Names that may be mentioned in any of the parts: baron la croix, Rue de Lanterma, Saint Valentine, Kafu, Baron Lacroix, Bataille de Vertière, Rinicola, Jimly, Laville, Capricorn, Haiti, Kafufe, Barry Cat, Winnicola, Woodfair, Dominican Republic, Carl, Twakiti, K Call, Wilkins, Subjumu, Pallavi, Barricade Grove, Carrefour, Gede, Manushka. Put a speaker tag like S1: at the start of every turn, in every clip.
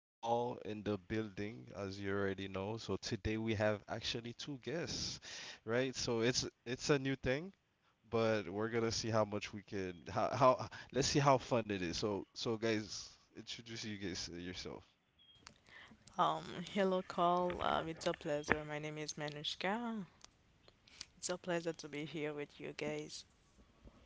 S1: Call in the building, as you already know. So today we have actually two guests, right? So it's a new thing, but we're gonna see how much we can how let's see how fun it is. So guys, introduce you guys yourself.
S2: Um, Hello, Carl. It's a pleasure. My name is Manushka. It's a pleasure to be here with you guys.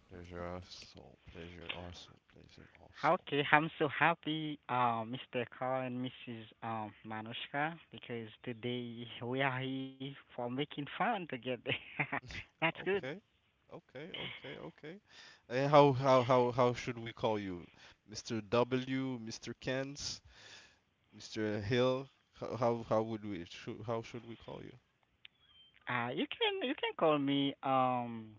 S1: Pleasure also, pleasure also, pleasure also.
S3: Okay, I'm so happy, Mr. Carl and Mrs. Manushka, because today we are here for making fun together. That's good.
S1: Okay, okay. And how should we call you? Mr. W, Mr. Kens? Mr. Hill, how should we call you?
S3: You can call me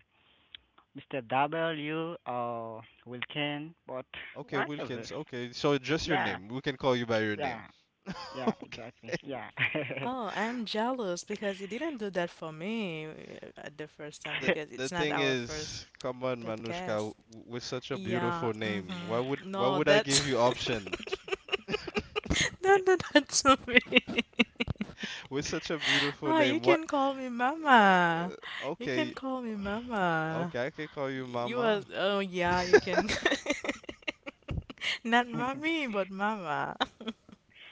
S3: Mr. W or Wilkin, but
S1: Okay,
S3: whatever.
S1: Wilkins. Okay, so just your
S3: Yeah,
S1: name. We can call you by your name.
S3: yeah, yeah,
S1: okay.
S3: exactly. Yeah.
S2: Oh, I'm jealous because you didn't do that for me at the first time
S1: The
S2: because it's
S1: the
S2: not
S1: thing
S2: our first
S1: is, come on, Manushka,
S2: podcast.
S1: with such a
S2: Yeah,
S1: beautiful name, why would
S2: mm-hmm.
S1: why
S2: No,
S1: would I
S2: that's
S1: give you option?
S2: don't do that to me.
S1: With such a beautiful
S2: Oh, you
S1: name, what?
S2: can call me Mama. You can
S1: Okay,
S2: call me Mama.
S1: okay, I can call you
S2: You
S1: Mama.
S2: are, oh yeah, you can, not mommy, but Mama.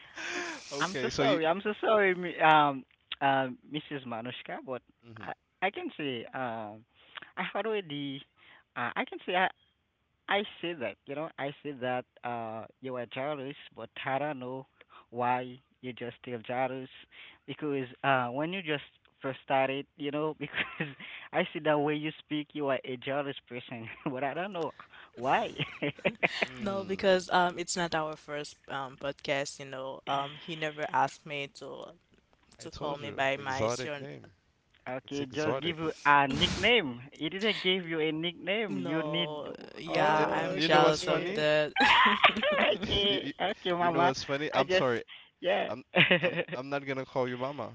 S3: I'm so
S1: okay, so you
S3: sorry. I'm so sorry, Mrs. Manushka, but
S1: Mm-hmm.
S3: I, I can say I had already, I can say I say that I say that you are jealous, but I don't know why you just still jealous because when you just first started, because I see the way you speak, you are a jealous person, but I don't know why.
S2: No,
S1: Mm.
S2: because it's not our first podcast. You know, he never asked me to
S1: I
S2: to call
S1: told
S2: me
S1: you,
S2: by my
S1: exotic
S2: sur.
S1: name. It's
S3: Okay, just
S1: exotic.
S3: give you a nickname. It didn't give you a nickname. You need.
S2: No, yeah,
S1: And
S2: I'm
S3: Oh,
S1: you know what's
S2: jealous
S3: okay.
S2: of
S1: funny?
S2: that.
S1: You
S3: Okay,
S1: you
S3: okay,
S1: you
S3: Mama.
S1: know what's funny?
S3: I
S1: I'm
S3: just,
S1: sorry.
S3: yeah.
S1: I'm I'm not gonna call you Mama.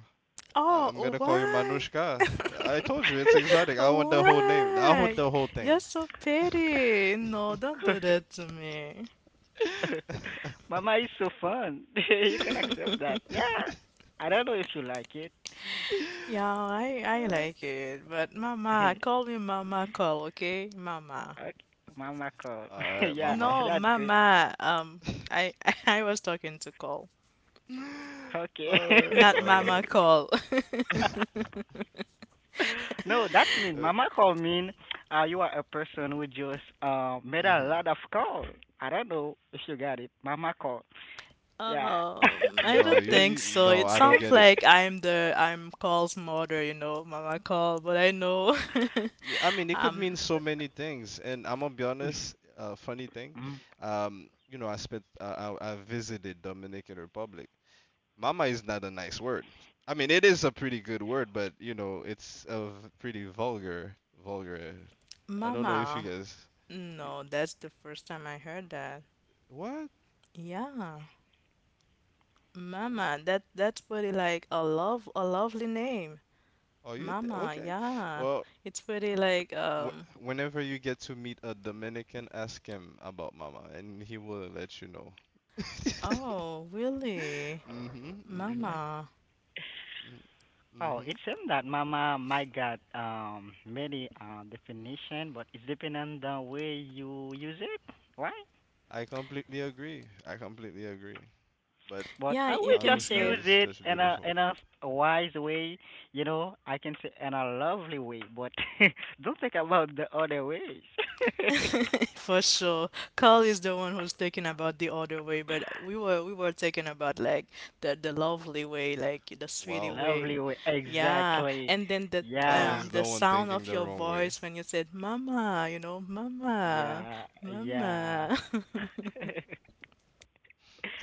S1: I'm
S2: Oh,
S1: gonna call you
S2: why?
S1: Manushka. I told you it's exotic. I want the whole name. I want
S2: Why?
S1: the whole
S2: You're
S1: thing.
S2: so petty. No, don't do that to me.
S3: Mama is so fun. You can accept that. Yeah. I don't know if you like it.
S2: Yeah, I like it, but Mama,
S3: Okay,
S2: call me Mama, call, okay, Mama.
S3: Mama call.
S1: All right,
S3: Yeah,
S1: Mama.
S2: No,
S3: that's good.
S2: Mama. I I was talking to Cole,
S3: Okay.
S1: All right,
S2: not
S1: all right.
S2: Mama Cole.
S3: No, that's mean.
S1: Uh,
S3: Mama call mean you are a person who just made a
S1: mhm.
S3: lot of call. I don't know if you got it. Mama call. Yeah.
S2: I
S1: No,
S2: don't
S1: you,
S2: think
S1: you
S2: so.
S1: no,
S2: It
S1: I don't
S2: sounds
S1: get it.
S2: like I'm the I'm Cole's mother, you know, Mama Cole. But I know,
S1: Yeah, I mean, it could mean
S2: um,
S1: so many things, and I'm gonna be honest. Funny thing,
S3: Mm,
S1: you know, I visited Dominican Republic. Mama is not a nice word. I mean, it is a pretty good word, but you know, it's a pretty vulgar, vulgar. I don't know if you
S2: Mama.
S1: guys, y-
S2: No, that's the first time I heard that.
S1: what?
S2: Yeah,
S1: Wha-
S2: Mama. That's pretty like a lovely name,
S1: Oh, you th
S2: Mama.
S1: okay?
S2: Yeah,
S1: Well,
S2: it's pretty like.
S1: Whenever you get to meet a Dominican, ask him about Mama, and he will let you know.
S2: Oh, really,
S1: Mhm,
S3: mm.
S1: mhm,
S2: Mama.
S1: mhm,
S3: Oh, it
S1: mhm.
S3: seems that mama might got many definition, but it's depending on the way you use it, right?
S1: I completely agree. I completely agree. But
S3: But
S2: Yeah,
S3: I
S2: you
S3: will
S2: can
S3: just
S1: Manushka
S2: say
S3: use
S1: is
S3: it
S1: just
S3: in a
S1: beautiful.
S3: in a wise way. I can say in a lovely way, but don't think about the other ways.
S2: for sure. Carl is the one who's talking about the other way, but we were talking about like the lovely way, like the sweetie
S1: Wow.
S2: way.
S3: Lovely way,
S2: Yeah,
S3: exactly.
S2: and then the
S1: Carl
S3: Yeah,
S2: um
S1: is
S2: the
S1: the one
S2: sound
S1: thinking
S2: of
S1: the
S2: your
S1: wrong way.
S2: voice when you said "mama," you know, "mama,
S3: yeah, yeah.
S2: mama."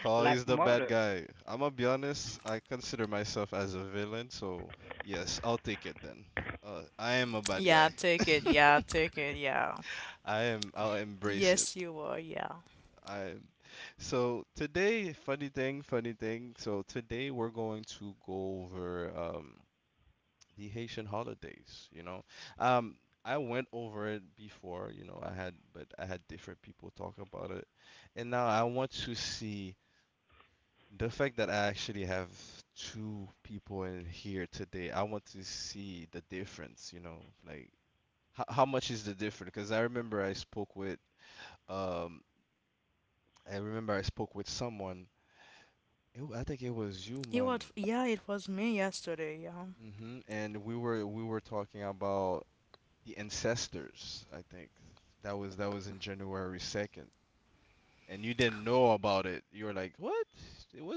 S1: Carl
S3: Like
S1: is the bad
S3: mother.
S1: guy. I'm gonna be honest, I consider myself as a villain, so yes, I'll take it then. I am a bad
S2: Yeah,
S1: guy.
S2: take it. Yeah, take it. Yeah.
S1: I am, I'll embrace it.
S2: Yes, you were. Yeah.
S1: I so today, funny thing, funny thing. So today we're going to go over the Haitian holidays. You know, um, I went over it before. You know, I had, but I had different people talk about it, and now I want to see the fact that I actually have two people in here today. I want to see the difference. You know, like how much is the difference? Because um, I remember I spoke with someone. I think it was you,
S2: It
S1: man.
S2: was. Yeah, it was me yesterday. Yeah.
S1: Hmm. And we were talking about the ancestors. I think that was in January 2nd, and you didn't know about it. You were like, "What?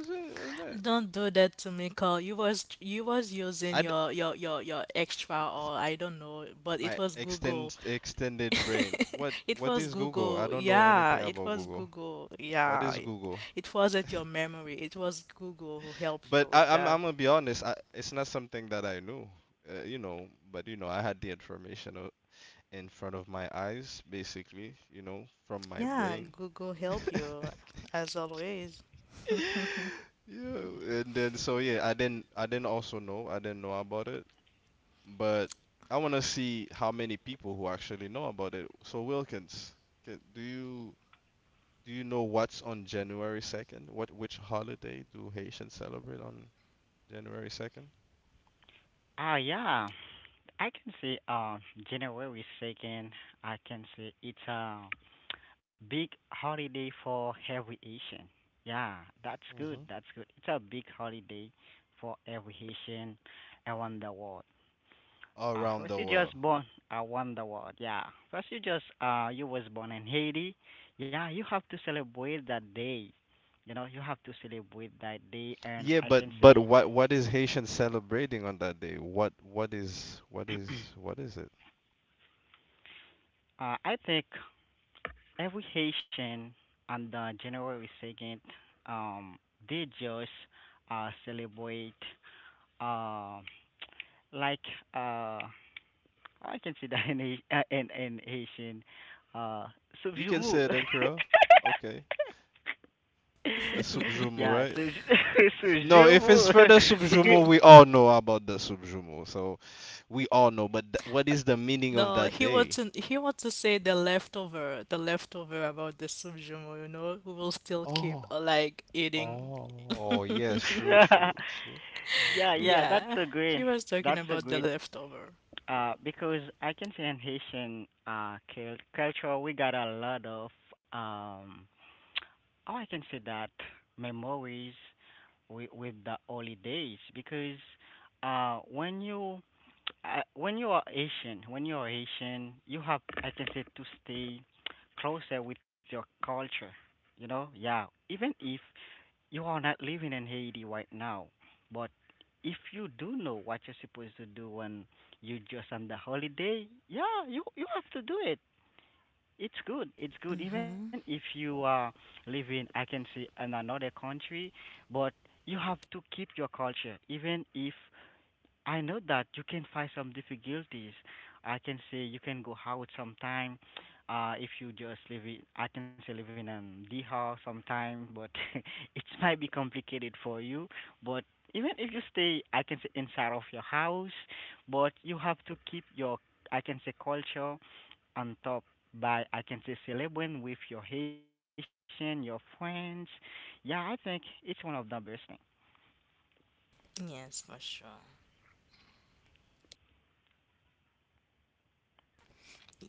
S1: What is that?"
S2: Don't do that to me, Carl. You was using
S1: I d-
S2: your extra
S1: s-
S2: or I don't know, but it
S1: my
S2: was Google.
S1: extended brain.
S2: It
S1: What
S2: was
S1: is Google? I
S2: Google.
S1: don't know
S2: Yeah,
S1: anything
S2: it
S1: about
S2: was
S1: Google.
S2: Google.
S1: What
S2: Yeah.
S1: is Google?
S2: It wasn't your memory. It was Google who helped you
S1: But
S2: with that.
S1: I'm gonna be honest. I, it's not something that I knew, you know. But you know, I had the information in front of my eyes, basically, you know, from my
S2: Yeah,
S1: brain.
S2: Google help you as always.
S1: Yeah, and then so yeah, I didn't also know. I didn't know about it, but I want to see how many people who actually know about it. So Wilkins, do you know what's on January 2nd? What which holiday do Haitians celebrate on January 2nd?
S3: Ah, yeah. I can see January 2nd. I can see it's a big holiday for every Asian. Yeah, that's good.
S1: Mm-hmm.
S3: That's good. It's a big holiday for every Haitian around the world.
S1: Around
S3: First
S1: the
S3: you
S1: world.
S3: just born around the world. Yeah. First you just you was born in Haiti. Yeah, you have to celebrate that day. You know, you have to celebrate that day and
S1: Yeah,
S3: I can
S1: but
S3: see
S1: what is Haitian celebrating on that day? What what is what is what is it?
S3: I think every Haitian on the January 2nd, um, they just celebrate uh, like uh, I can see that in in Haitian uh,
S1: You can say
S3: Subjumu.
S1: it in Creole. Okay. A subjumu,
S3: Yeah,
S1: right?
S3: Subj
S1: No, if it's
S3: Subjumu.
S1: for the subjumu, we all know about the subjumu. So we all know, but what is the meaning of
S2: No,
S1: that
S2: he wants
S1: day?
S2: to he wants to say the leftover about the subjumo, you know, who will still keep
S1: Oh,
S2: like eating.
S1: oh, yes, true,
S3: Because
S1: true, true,
S3: yeah,
S1: true.
S3: yeah,
S2: Yeah, he was talking
S3: that's a
S2: about the
S3: great
S2: leftover.
S3: Because I can say in Haitian culture, we got a lot of, um, how I can say that, memories with the holidays. Because when you when you are Asian, you have I can say to stay closer with your culture. You know, yeah. Even if you are not living in Haiti right now, but if you do know what you're supposed to do when you just on the holiday, yeah, you have to do it. It's good. It's good. Even
S2: Mm-hmm.
S3: if you are living, I can say, in another country, but you have to keep your culture. Even if I know that you can find some difficulties. I can say you can go out sometime, if you just live in, I can say live in the house sometime, but it might be complicated for you. But even if you stay, I can say inside of your house, but you have to keep your, I can say culture on top by I can say celebrating with your Haitian, your friends. Yeah, I think it's one of the best thing.
S2: Yes, for sure.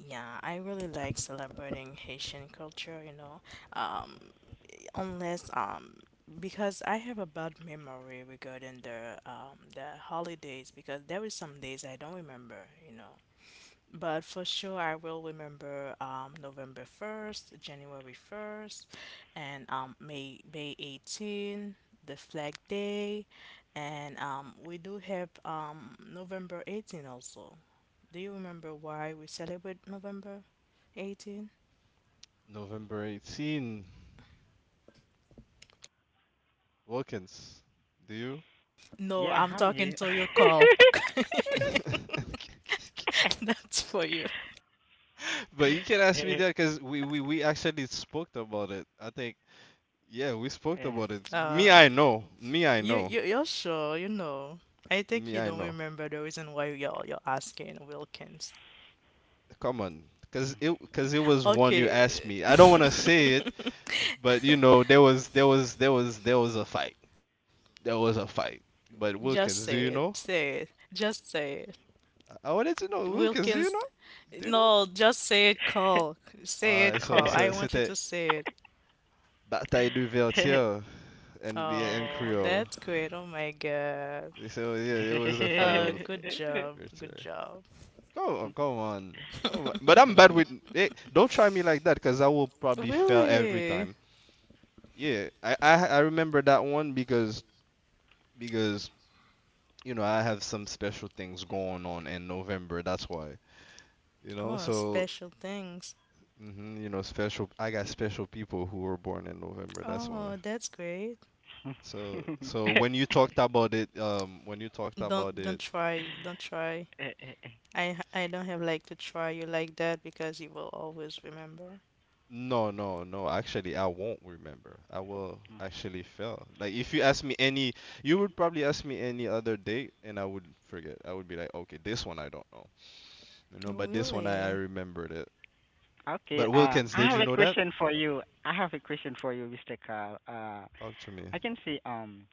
S2: Yeah, I really like celebrating Haitian culture, you know. Um, Unless because I have a bad memory regarding the holidays because there were some days I don't remember, you know. But for sure, I will remember November 1st, January 1st, and May 18, the Flag Day. And we do have November 18 also. Do you remember why we celebrate November 18?
S1: November 18. Wilkins, do
S2: No,
S3: Yeah,
S2: I'm
S3: I'm
S2: talking
S3: here.
S2: to you, Carl.
S1: you?
S2: That's for you.
S1: But you can ask me that because we actually spoke about it. I think, yeah, we spoke about it. Me,
S2: Uh,
S1: I know. Me, I
S2: you,
S1: know.
S2: you, you're sure, you know. I think
S1: Me,
S2: you
S1: I
S2: don't
S1: know.
S2: remember the reason why you're asking, Wilkins.
S1: Come on.
S3: Mm.
S1: Because it, cause it was one you asked
S2: Okay.
S1: me. I don't want to say it, but you know, there was a fight. There was a fight.
S2: Just
S1: But
S2: say it.
S1: Wilkins, do you
S2: Say it.
S1: know?
S2: Just say it.
S1: I wanted to know,
S2: Wilkins.
S1: Wilkins, do you know? Do you
S2: No,
S1: know?
S2: just say it, Call. Say it, Call.
S1: So,
S2: I
S1: so
S2: want you to
S1: c'était
S2: say it.
S1: Bataille de Vertière and, yeah, and
S2: Oh,
S1: Creole.
S2: that's great. Oh my God.
S1: So, yeah, it was a fight of
S2: Good job. Good
S1: Vertière.
S2: job.
S1: Go, go on. Oh, but I'm bad
S3: Mm.
S1: with it. Don't try me like that, because I will probably fail every
S2: Really?
S1: time. Yeah, I remember that one because you know I have some special things going on in November. That's why you know.
S2: Oh,
S1: So
S2: special things.
S1: hmm you know, special. I got special people who were born in November. That's why.
S2: Oh, that's great.
S1: When you talked about
S2: Don't
S1: it.
S2: don't try. Don't try. I don't have like to try you like that because you will always remember.
S1: No, no, no. Actually, I won't remember. I will actually fail. Like, if you ask me any, you would probably ask me any other date, and I would forget. I would be like, okay, this one I don't know, you know, but this one I
S2: Really?
S1: remembered it.
S3: Okay,
S1: But Wilkins,
S3: I
S1: did
S3: have
S1: you
S3: a
S1: know that?
S3: question for you. I have a question for you, Mr. Carl.
S1: Talk to me.
S3: I can see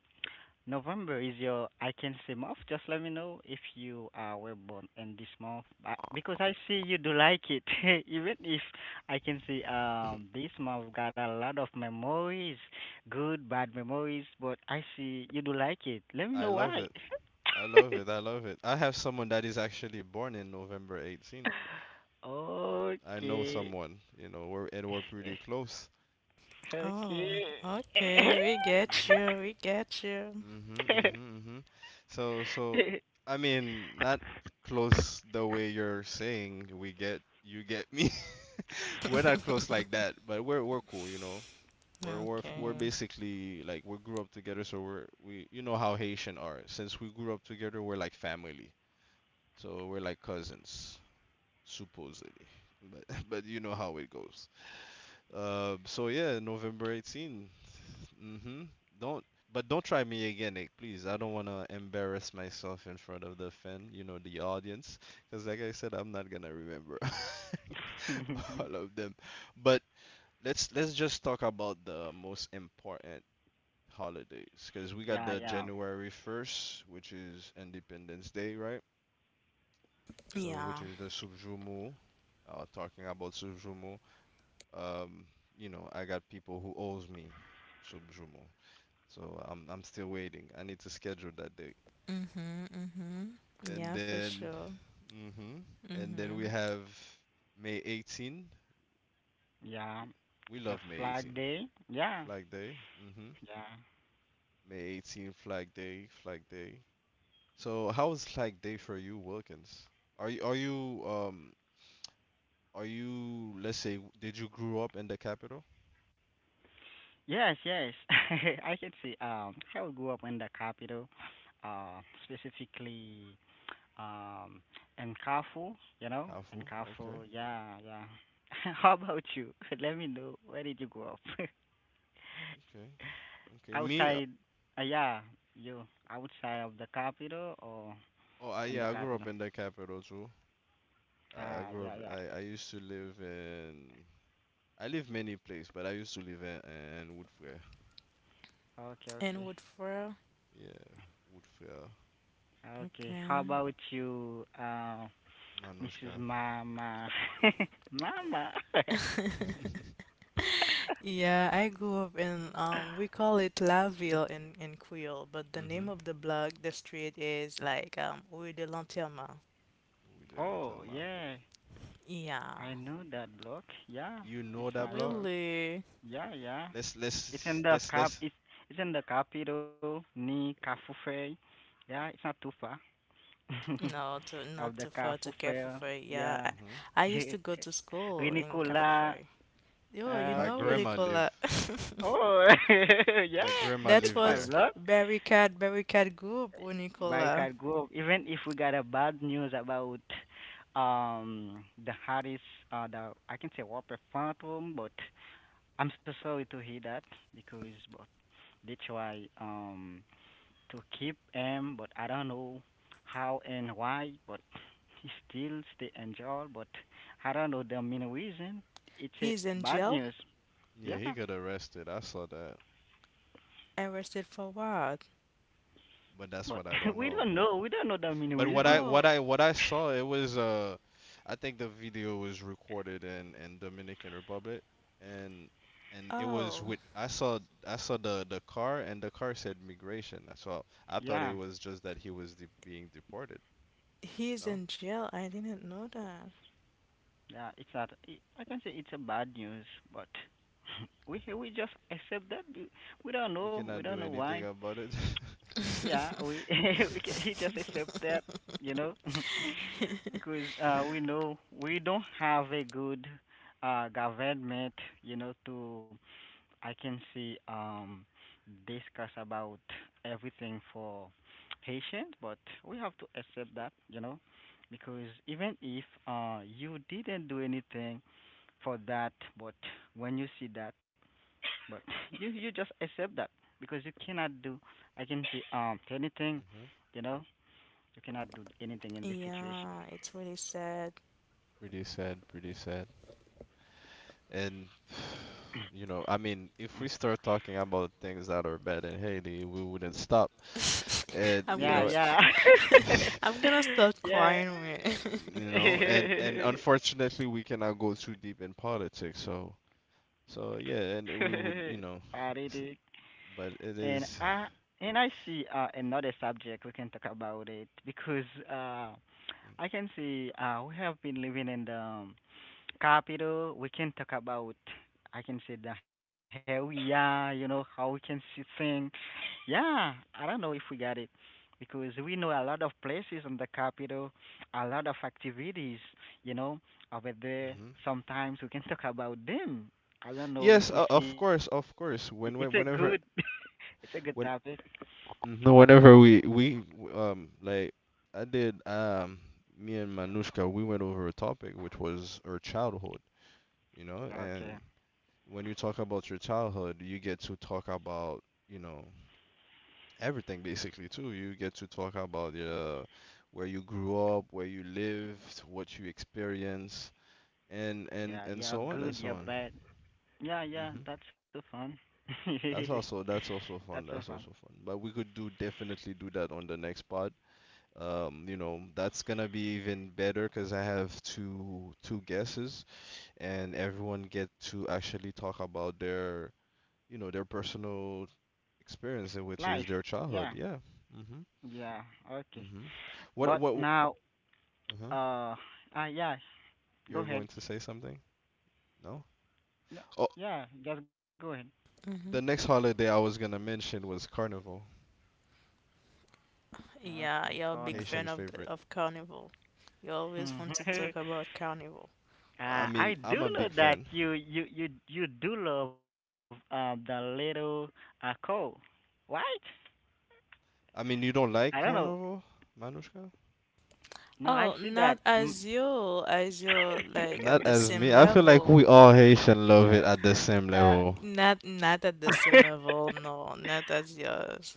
S3: November is your I can see month. Just let me know if you were born in this month because I see you do like it. Even if I can see this month got a lot of memories, good bad memories, but I see you do like it. Let me
S1: I
S3: know
S1: love
S3: why.
S1: it. I love it. I love it. I have someone that is actually born in November 18. I know
S3: Okay.
S1: someone, you know, we're pretty close.
S3: Okay.
S2: Oh, okay. We get
S1: Mm-hmm.
S2: you. We get you.
S1: Mhm, mhm, mhm. So, so I mean, not close the way you're saying. We get you get me. We're not close like that, but we're cool, you know. We're
S2: Okay.
S1: basically like we grew up together, so we're we you know how Haitian are. Since we grew up together, we're like family. So we're like cousins, supposedly. But but you know how it goes. So yeah, November 18. Mm-hmm. Don't, but don't try me again, eh, please. I don't want to embarrass myself in front of the fan, you know, the audience, because like I said, I'm not gonna remember all of them. But let's just talk about the most important holidays, because we got
S3: Yeah,
S1: the
S3: yeah.
S1: January 1st, which is Independence Day, right? So which
S2: Yeah.
S1: is the Subjumu, talking about Subjumu. Um, you know, I got people who owes me some Jumo. So I'm still waiting. I need to schedule that day.
S2: Mhm. Mhm.
S1: And
S2: Yeah, for
S1: then
S2: sure.
S1: mhm. And then we
S2: Mhm.
S1: have May 18.
S3: Yeah.
S1: We
S3: It's
S1: love
S3: a
S1: May
S3: flag
S1: 18.
S3: day. Yeah.
S1: Flag Day. Mhm.
S3: Yeah.
S1: May 18 Flag Day, Flag Day. So how was Flag Day for you, Wilkins? Are you are you are you Let's say, did you grow up in the capital?
S3: Yes, yes. I can see. I grew up in the capital, specifically um, in Carrefour, you know, in
S1: Kafu. Okay.
S3: Carrefour. Yeah, yeah. How about you? Let me know. Where did you grow up?
S1: Okay. Okay. Me
S3: Outside, yeah, you outside of the capital or
S1: oh I,
S3: in
S1: yeah,
S3: the
S1: I grew up
S3: capital?
S1: in the capital too.
S3: Ah, yeah, yeah.
S1: I used to live in. I live many places, but I used to live in Woodfair.
S3: Okay,
S2: And
S3: okay.
S2: wood fur.
S1: Yeah, Woodfair,
S3: Okay. How
S2: Okay.
S3: about you, Mrs.
S1: Manushka.
S3: Mama? Mama.
S2: Yeah, I grew up in we call it Laville in Creole, but the
S1: mhm.
S2: name of the block, the street is like Rue de Lanterma.
S1: We do not tell
S3: Oh
S1: ma.
S3: yeah,
S2: Yeah.
S3: I know that block. Yeah,
S1: You know
S3: it's
S1: that
S3: my
S1: block?
S3: block.
S2: Really?
S3: Yeah, yeah.
S1: Let's
S3: It's
S1: let's
S3: in
S1: let's
S3: the
S1: let's.
S3: cap. It's it's in the capital, Ni Kafufe. Yeah, it's not too far.
S2: No,
S3: Of
S2: not
S3: the
S2: too far to
S3: Kafufe.
S2: Capricorn. Yeah, I,
S3: Yeah.
S1: Mhm.
S2: I used to go to school in
S3: Rinicola.
S2: Capricorn. Yo,
S1: Yeah,
S2: you
S1: my
S2: know
S3: Okay.
S1: grandma live.
S2: Winnicola.
S3: Oh yeah,
S1: My grandma
S2: That
S1: lived
S3: it's my
S1: there.
S2: was
S3: block.
S2: Barry Cat Group, Winnicola.
S3: Barricade Grove, even if we got a bad news about um the Harris the I can say Whopper Phantom, but I'm so sorry to hear that because but they try to keep him but I don't know how and why but he still stay in jail but I don't know the main reason. It's a
S2: He's in
S3: bad
S2: jail?
S3: news.
S1: Yeah,
S3: Yeah.
S1: he got arrested. I saw that,
S2: Arrested for what?
S1: but that's
S3: But
S1: what I don't
S3: we
S1: know.
S3: don't know. We don't know the main
S1: But what I
S3: reason.
S2: Oh,
S1: what I what I saw it was I think the video was recorded in Dominican Republic and and it was
S2: oh,
S1: with I saw the car and the car said migration. So I thought it
S3: Yeah.
S1: was just that he was de being deported.
S2: he's
S1: No,
S2: in jail. I didn't know that.
S3: Yeah, it's not. I can say it's a bad news, but we just accept that. We don't
S1: we
S3: know. We
S1: cannot
S3: don't
S1: do
S3: know
S1: anything
S3: why.
S1: about it. You said.
S3: Yeah, we we just accept that. You know, because we
S1: Hmm.
S3: know we don't have a good government. You know, to I can see discuss about everything for Haitians, but we have to accept that. You know, because even if you didn't do anything for that but when you see that but you just accept that because you cannot do I can see anything you know you cannot do anything in this situation
S2: Yeah, it's really sad.
S1: Pretty sad, pretty sad. And you know, I mean,
S3: Mm.
S1: if we start talking about things that are bad in Haiti, we wouldn't stop. And
S2: I'm
S1: you
S3: Yeah,
S2: gonna,
S1: know,
S3: yeah
S1: you
S2: I'm gonna start
S3: yeah
S2: crying. Man.
S1: know, and unfortunately we cannot go too deep in politics, so so yeah, and we would you know
S3: Party
S1: s- but it
S3: And
S1: is
S3: I and I see another subject we can talk about it because I can see we have been living in the capital. We can talk about I can say the hell we are, you know how we can see things. Yeah, I don't know if we got it because we know a lot of places in the capital, a lot of activities, you know, over
S1: mm-hmm.
S3: there. Sometimes we can talk about them. I
S1: Yes,
S3: don't know
S1: of
S3: if we
S1: course,
S3: see.
S1: of
S3: It's a
S1: course,
S3: good,
S1: when whenever
S3: it's a good topic.
S1: when
S3: Hmm.
S1: no whenever like I did me and Manushka, we went over a topic which was our childhood, you know. And
S3: Okay.
S1: when you talk about your childhood you get to talk about, you know, everything basically too. You get to talk about your where you grew up, where you lived, what you experienced,
S3: Yeah,
S1: and
S3: yeah,
S1: so on and
S3: good,
S1: so
S3: yeah,
S1: on.
S3: bad. Yeah,
S1: Hmm.
S3: yeah, that's so fun.
S1: That's also
S3: That's
S1: fun.
S3: so
S1: That's
S3: fun.
S1: also fun. But we could do definitely do that on the next pod. You know, that's gonna be even better because I have two guesses, and everyone get to actually talk about their you know their personal experience, which
S3: Life.
S1: is their
S3: Yeah.
S1: childhood. Yeah. Hmm.
S3: Yeah, okay.
S1: Hmm. What
S3: But
S1: what?
S3: now,
S1: Uh-huh.
S3: uh, yeah, go
S1: You're
S3: ahead.
S1: going to say something? No?
S3: Yeah,
S1: Oh,
S3: yeah, just go ahead.
S1: the
S2: Mhm.
S1: next holiday I was gonna mention was Carnival,
S3: Okay,
S2: Yeah, you're a big
S3: Conigo.
S2: fan
S1: Haitian's
S2: of the
S1: favorite.
S2: of Carnival. You
S3: Hmm.
S2: always want to talk about Carnival.
S1: I
S3: I
S1: mean, I'm
S3: do
S1: a
S3: know
S1: big
S3: that
S1: fan.
S3: you do love the little coal, right?
S1: I mean, you don't
S3: I
S1: like
S3: don't know.
S1: Carnival, Manushka?
S2: Oh,
S3: No, I
S2: not
S3: see that. Mm.
S2: as you, like
S1: Not
S2: at the
S1: as me.
S2: same
S1: I feel like
S2: level.
S1: we all Haitian love it at the same level.
S3: uh,
S2: Not at the same level, no, not as yours.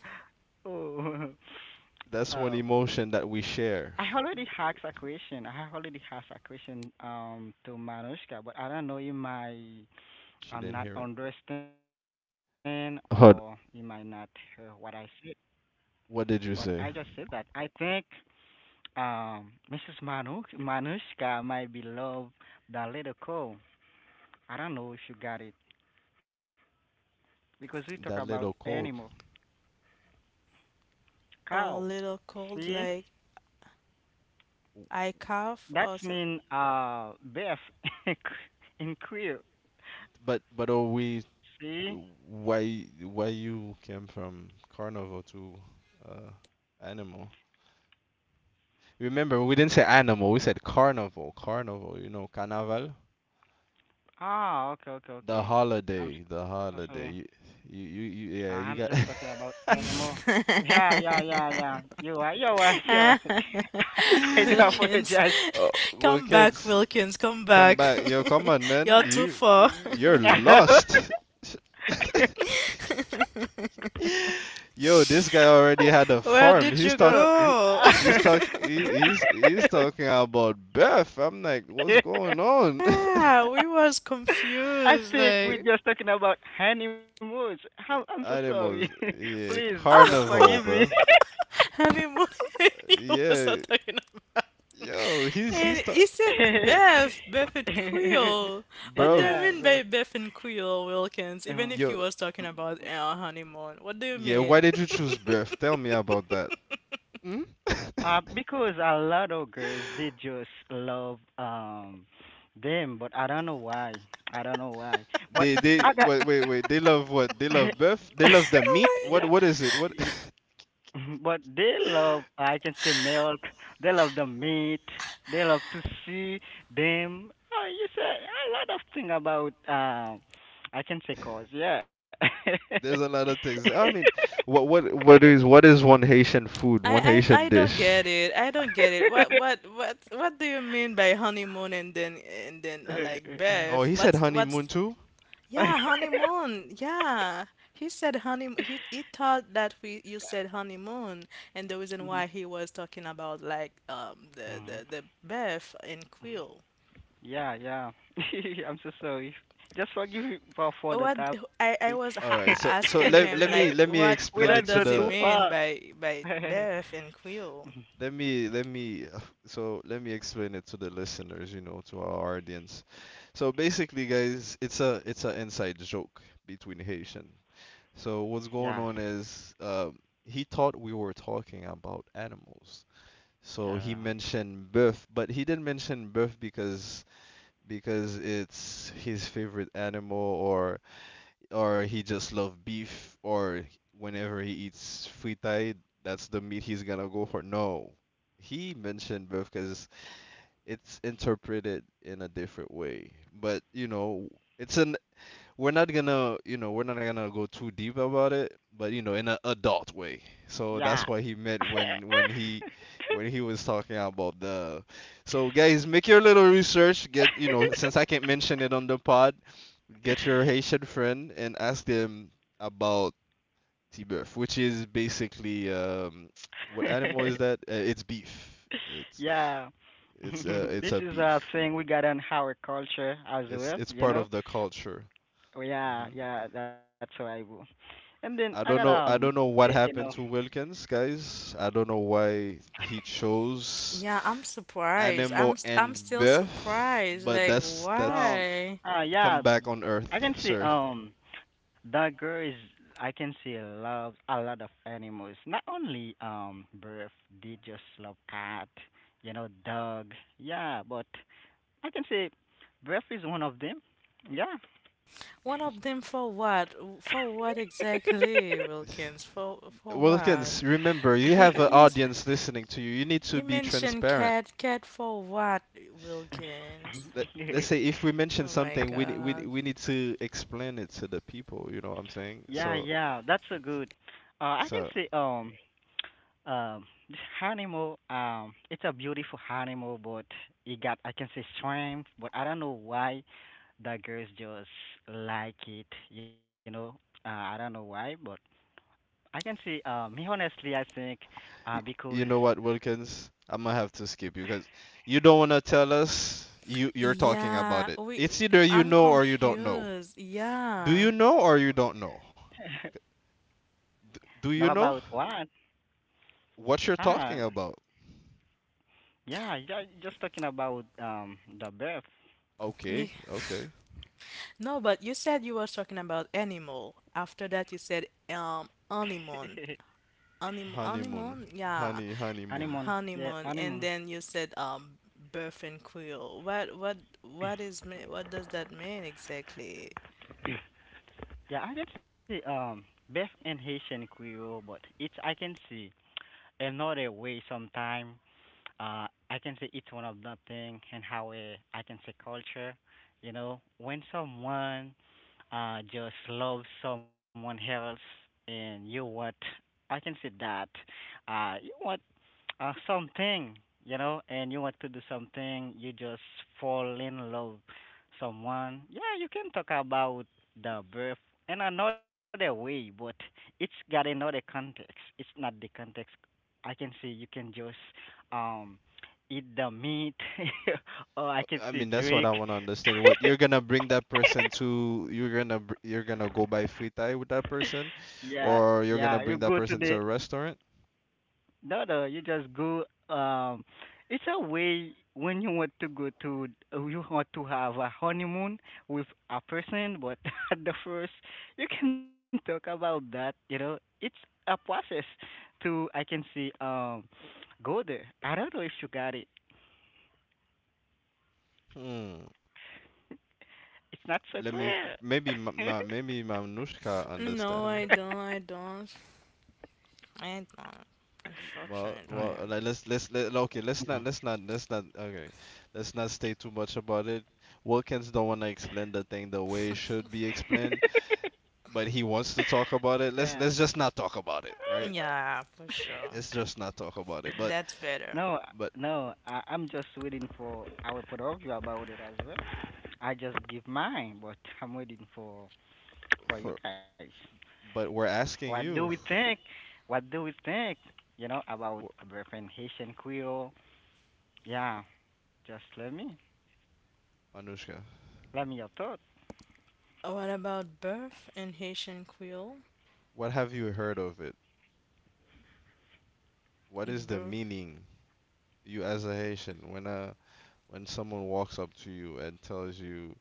S3: Oh,
S1: That's one
S3: um,
S1: emotion that we share.
S3: I already asked a question to Manushka, but I don't know you might
S1: She didn't hear it.
S3: not understand or you might
S1: Hold.
S3: not hear what I said. But
S1: What
S3: I
S1: did you
S3: just said
S1: say?
S3: that I think Mrs. Manushka might be love the little cow. I don't know if you got it because we talk
S1: That
S3: about
S1: little
S3: animal
S1: cold.
S2: Or a
S3: cow.
S2: little cold
S3: See?
S2: like I cough
S3: That
S2: also.
S3: mean Beth in Q- in queer.
S1: But are we,
S3: See?
S1: why you came from carnival to uh, animal. Remember, we didn't say animal, we said carnival, carnival, you know, carnaval.
S3: Ah, okay, okay,
S1: The
S3: okay. I'm
S1: holiday,
S3: so
S1: the
S3: sorry.
S1: holiday. You, you, you,
S3: I'm
S1: you yeah,
S3: just
S1: you got.
S3: talking about animal. Yeah, yeah, yeah, yeah. You are, you are, you are.
S2: Ah,
S3: I do
S2: Wilkins,
S3: apologize.
S1: Oh, well,
S2: come back,
S1: kids,
S2: Wilkins, come
S1: come
S2: back.
S1: back. Yo, come on,
S2: You're
S1: man.
S2: too far.
S3: Y-
S1: You're lost. Yo, this guy already had a
S2: Where
S1: farm.
S2: did
S1: He's
S2: you
S3: no.
S1: talking.
S2: go?
S1: He's talking. He's talking about Beth. I'm like, what's going on?
S2: Yeah, we was
S3: I
S2: confused.
S3: think
S1: The
S3: we're
S2: Like,
S3: just talking about honeymoons. I'm so sorry.
S1: animals. Yeah,
S3: Please, just forgive
S2: oh,
S1: carnival,
S3: me.
S1: bro.
S2: honeymoon, you was
S1: Yeah.
S2: not talking about.
S1: Yo,
S2: And you said Beth and Quill. What do
S1: bro.
S2: you
S3: Yeah,
S2: mean by
S3: well,
S2: Beth and Quill, Wilkins? Even
S3: um,
S2: if you
S1: Yo.
S2: was talking about our honeymoon, what do you
S1: Yeah. Why
S2: mean?
S1: did you choose Beth? Tell me about that. Hmm?
S3: because a lot of girls they just love them, but I don't know why. I don't know why. But
S1: They
S3: I got
S1: wait. They love what? They love Beth. They love the
S3: yeah.
S1: meat.
S2: Oh
S1: What is it? What?
S3: But they love, I can say, milk. They love the meat. They love to see them. Oh, you say a lot of thing about, I can say cause, yeah.
S1: There's a lot of things. I mean, what is one Haitian food?
S2: my! I,
S1: One
S2: I
S1: Haitian
S2: I don't
S1: dish?
S2: get it. I don't get it. What do you mean by honeymoon and then like
S1: Oh,
S2: Beth?
S1: he said
S2: What's
S1: honeymoon too.
S2: Yeah, honeymoon. Yeah. He said honey he thought that we you said honeymoon and the reason why he was talking about like the the
S3: Mhm.
S2: the Beth and Quill.
S3: Yeah, yeah. I'm so sorry. Just forgive me for the
S2: What
S3: topic.
S2: I was
S1: All
S2: ha
S1: right. So so
S2: asking
S1: let
S2: him like
S1: let me
S3: We
S2: what
S3: don't go
S1: explain
S2: what
S1: it
S3: too
S1: to
S2: does he
S1: the
S3: far.
S2: mean by Beth and Quill?
S1: let me so let me explain it to the listeners, you know, to our audience. So basically, guys, it's an inside joke between Haitian. So what's
S3: Yeah,
S1: going on is he thought we were talking about animals. So he
S3: yeah.
S1: mentioned bœuf, but he didn't mention bœuf because it's his favorite animal or he just loves beef or whenever he eats fritai, that's the meat he's gonna go for. No. He mentioned both because it's interpreted in a different way. But you know, it's an we're not gonna, you know, we're not gonna go too deep about it, but you know, in an adult way. So
S3: Yeah.
S1: that's what he meant when he was talking about the. So guys, make your little research. Since I can't mention it on the pod, get your Haitian friend and ask them about T-beef, which is basically what animal is that? It's beef.
S3: Yeah.
S1: It's
S3: This
S1: a
S3: is a
S1: beef.
S3: thing we got in our culture as
S1: It's
S3: well,
S1: it's
S3: you
S1: part
S3: know?
S1: of the culture.
S3: Yeah,
S1: Mm-hmm.
S3: yeah, that's what I will. And then I got
S1: I don't know. I don't
S3: eh,
S1: know
S3: you
S1: what
S3: know
S1: happened to Wilkins, guys. I don't know why he chose
S2: Yeah, I'm surprised.
S1: animal
S2: I'm
S1: and
S2: still
S1: birth,
S2: surprised.
S1: but
S2: Like
S1: that's
S3: no
S2: why?
S1: come
S3: yeah
S1: back on
S3: I can
S1: Earth,
S3: see
S1: sir.
S3: that girl is I can see loves a lot of animals. Not only birth, they just love cat, you know, dog. Yeah, but I can say breath is one of them. Yeah.
S2: One of them for what? For what exactly, Wilkins? For what?
S1: Wilkins, remember you
S2: He
S1: have an
S2: he's
S1: audience listening to you. You need
S2: He
S1: to be
S2: mentioned
S1: transparent.
S2: cat. Cat for what, Wilkins?
S1: Let Let's say if we mention
S2: Oh my
S1: something, we we
S2: God.
S1: we need to explain it to the people. You know what I'm
S3: Yeah,
S1: saying?
S3: yeah.
S1: So
S3: That's a good. I can say
S1: so
S3: this animal it's a beautiful animal but it got I can say strength but I don't know why the girls just like it, you know. I don't know why but I can say me honestly I think
S1: Y-
S3: because
S1: you know what, Wilkins? I'm gonna have to skip you because you don't wanna tell us you're talking about
S2: Yeah,
S1: it.
S2: we.
S1: It's either you
S2: I'm
S1: know or you don't know.
S2: confused.
S1: Do
S2: Yeah.
S1: you know or you don't know? D
S3: now
S1: do you
S3: about
S1: know
S3: what?
S1: what you're talking
S3: Ah
S1: about?
S3: yeah, yeah, just talking about the birth.
S1: Okay,
S2: Be-
S1: okay.
S2: No, but you said you were talking about animal. After that, you said honeymoon, Anim
S1: Honeymoon.
S2: honeymoon, yeah,
S1: Honeymoon.
S3: Anemone. Yeah,
S2: honeymoon, and
S3: anemone.
S2: then you said birth and quill. What is me? What does that mean exactly?
S3: Yeah, I can see Beth and Haitian Creole, but it I can see. Another way sometime. I can say it's one of the thing, and how it, I can say, culture. You know, when someone just loves someone else, and you want, I can say that, you want something, you know, and you want to do something, you just fall in love someone. Yeah, you can talk about the birth in another way, but it's got another context. It's not the context. I can see you can just um eat the meat, or I can
S1: I
S3: see
S1: mean, that's what
S3: drink.
S1: I wanna understand. What you're gonna bring that person to, you're gonna go buy fritai with that person,
S3: Yeah, yeah,
S1: or
S3: you
S1: you're
S3: go
S1: gonna
S3: to
S1: bring that
S3: the.
S1: person to a restaurant?
S3: No, no, you just go. um it's a way when you want to go to. You want to have a honeymoon with a person, but at the first, you can talk about that, you know. It's a process to, I can see, go there. I don't know if you got it.
S1: Hmm.
S3: It's not so
S1: Let me
S3: clear.
S1: maybe ma, ma maybe Mamnushka
S2: No,
S1: understand.
S2: I don't. I don't. I don't,
S1: Well,
S2: unfortunately.
S3: Mhm,
S1: well, like let's let's let like, okay. Let's
S3: mhm.
S1: not let's not let's not okay. Let's not say too much about it. Wilkins don't want to explain the thing the way it should be explained, but he wants to talk
S3: Yeah.
S1: about it. Let's just not talk about it, right?
S2: Yeah, for sure.
S1: Let's just not talk about it.
S2: That's better.
S3: No,
S1: But
S3: no, I'm just waiting for. I will put up you about it as well. I just give mine, but I'm waiting for you
S1: for
S3: guys.
S1: but we're
S3: What
S1: asking
S3: do we
S1: you,
S3: think? What do we think? You know, about
S1: w-
S3: boyfriend Haitian Creole? Yeah, just
S1: Manushka,
S3: let me your thoughts.
S2: What about birth in Haitian Creole?
S1: what have you heard of it? What is the
S2: Birth.
S1: meaning you as a Haitian, when someone walks up to you and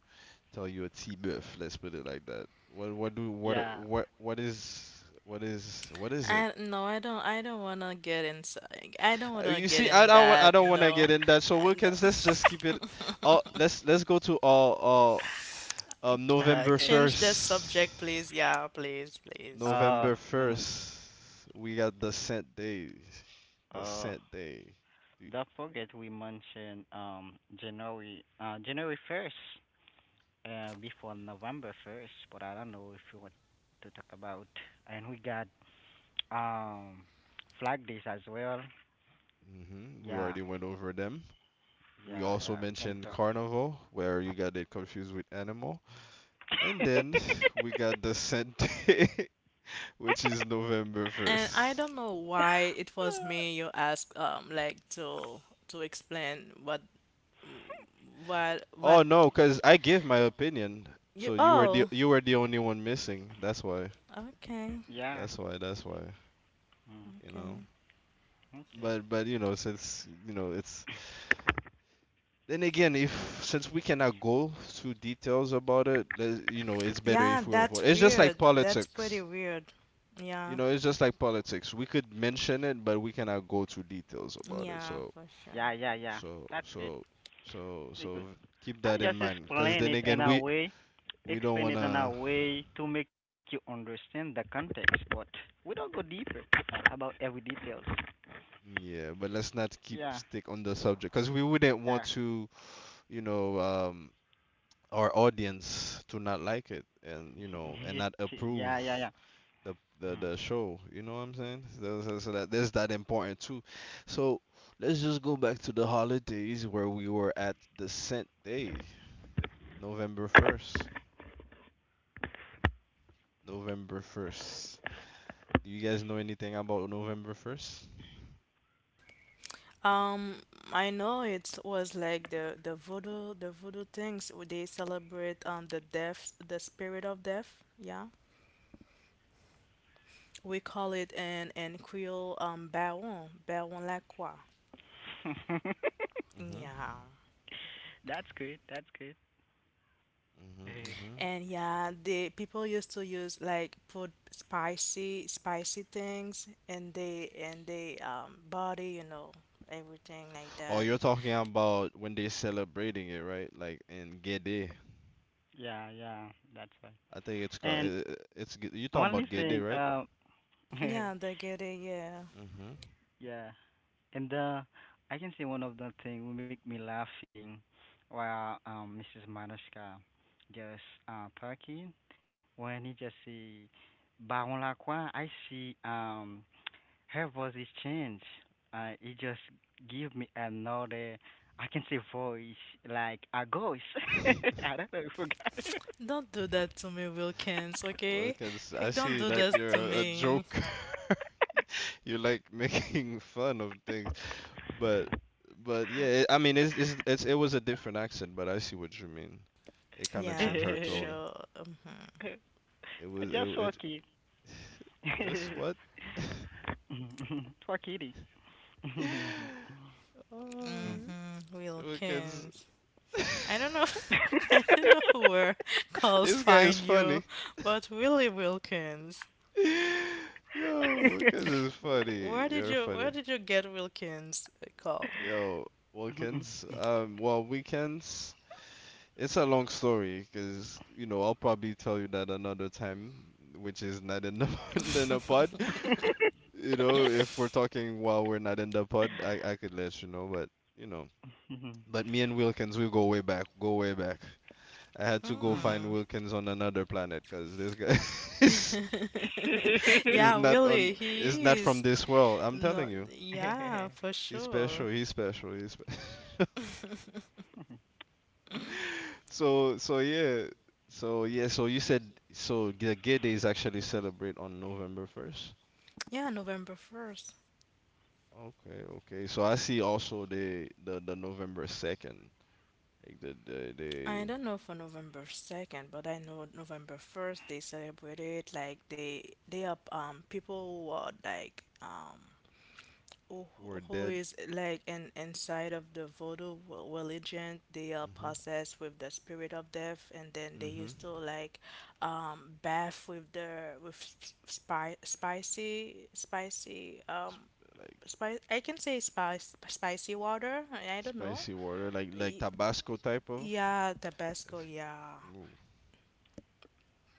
S1: tell you a T-biff, let's put it like that. What what do what
S3: Yeah.
S1: are- is it?
S2: I no, I don't. I don't wanna get inside. I don't wanna
S1: You
S2: get
S1: see,
S2: in
S1: I
S2: that.
S1: don't
S2: You
S1: want to
S2: know.
S1: get in that. So
S2: I no.
S1: Wilkins, let's just keep it. Let's go to uh
S2: God,
S1: November
S3: Okay.
S2: change the
S1: first.
S2: subject, please. Yeah, please, please.
S3: Uh,
S1: November
S3: no, no.
S1: first, we got the scent days. The
S3: Uh,
S1: scent day.
S3: don't forget we mentioned January 1st, before November 1st, but I don't know if you want to talk about. And we got um Flag Days as well.
S1: Mm-hmm. We
S3: Yeah,
S1: already went over them. We
S3: yeah,
S1: also
S3: yeah. We can
S1: mentioned
S3: talk.
S1: carnival, where you got it confused with animal. And then we got the scent day, which is November
S2: And I
S1: 1st.
S2: don't know why it was me you asked like to explain what
S1: Oh no, because I gave my opinion.
S2: you
S1: So
S2: oh
S1: you were the only one missing. That's why.
S2: Okay,
S3: Yeah.
S1: That's why. That's why.
S3: Mm.
S1: You know.
S2: okay.
S3: Okay.
S1: But you know, since you know, it's then again, if since we cannot go through details about it, you know, it's better
S2: Yeah,
S1: if we avoid.
S2: that's
S1: It's just like
S2: weird. That's pretty
S1: politics.
S2: weird.
S1: You
S2: Yeah,
S1: know, it's just like politics. We could mention it, but we cannot go to details about it.
S2: yeah, for sure.
S3: Yeah, yeah, yeah.
S1: So,
S3: That's good.
S1: so, so,
S3: Be
S1: so
S3: good.
S1: keep
S3: I
S1: that in
S3: just
S1: mind. Because then again, we don't
S3: explain it in a
S1: wanna.
S3: way to make you understand the context, but we don't go deeper about every details.
S1: Yeah, but let's not keep
S3: Yeah,
S1: stick on the subject because we wouldn't want
S3: yeah,
S1: to, you know, our audience to not like it and you know and not
S3: yeah, yeah,
S1: approve
S3: yeah.
S1: the show. You know what I'm saying? So, that there's that important too. So let's just go back to the holidays where we were at the scent day, November 1st. November 1st. Do you guys know anything about November 1st?
S2: Um, I know it was like the voodoo things where they celebrate the spirit of death. Yeah, we call it in Creole baron la croix.
S3: Mm.
S1: Mm. Mhm.
S2: Yeah.
S3: That's good. That's good.
S1: Mm. Mhm. Mm.
S3: Hey,
S1: Mhm.
S2: And yeah, the people used to use like put spicy spicy things and they body, you know, everything like
S1: Oh,
S2: that.
S1: you're talking about when they celebrating it, right? Like in Gede.
S3: yeah, yeah, that's why.
S1: I think it's called.
S3: And
S1: You
S3: only
S1: talking about
S3: thing,
S1: Gede, right?
S2: Yeah, they get it, yeah.
S1: Mm.
S3: yeah, and I can say one of the thing will make me laughing while Mrs. Manushka just talking when he just say Baron Lacroix, I see her voice is changed. It just give me another, I can say, voice like a ghost.
S1: Mhm.
S3: I don't know if you got
S2: Don't do that to me, Wilkins,
S1: Well,
S2: okay?
S1: because I
S2: Don't
S1: see
S2: do
S1: that
S2: that to
S1: you're a
S2: me.
S1: joke. You like making fun of things, but yeah, I mean, it was a different accent, but I see what you mean. It kind of
S2: Yeah,
S1: changed her
S2: for
S3: it.
S1: tone.
S2: sure. Mhm.
S1: It was it,
S3: Just
S1: it
S3: okay.
S1: just what?
S3: Twakiti.
S1: Oh, because
S2: Wilkins. I don't know, I don't know where calls
S1: this guy is
S2: find
S1: funny.
S2: you, but Willie Wilkins.
S1: Yo, because is funny.
S2: Where did
S1: You're
S2: you
S1: funny.
S2: where did you get Wilkins call?
S1: Yo, Wilkins. Well, weekends. It's a long story because you know I'll probably tell you that another time, which is not in the in the pod. You know, if we're talking while we're not in the pod, I could let you know, but me and Wilkins, we go way back, go way back. I had to go find
S2: Mm.
S1: Wilkins on another planet because this guy is
S2: Yeah, really,
S1: is not
S2: he
S1: from
S2: is.
S1: this world. I'm telling
S2: No,
S1: you,
S2: yeah, for
S1: he's special.
S2: sure.
S1: He's special. He's special. So yeah. So yeah, so you said so the gay days actually celebrate on November 1st.
S2: Yeah, November 1st.
S1: Okay, okay. So I see also the November 2nd, like they
S2: I don't know for November 2nd, but I know November 1st they celebrated like they are people who are like who
S1: were
S2: who
S1: dead.
S2: is like an inside of the voodoo religion they are
S1: Mhm.
S2: possessed with the spirit of death and then they
S1: Mhm.
S2: used to like bath with spicy spicy
S1: Like
S2: spice I can say spice spicy water I don't know
S1: spicy water, like
S2: Y-
S1: Tabasco type of.
S2: yeah tabasco
S1: That's,
S2: yeah
S1: ooh,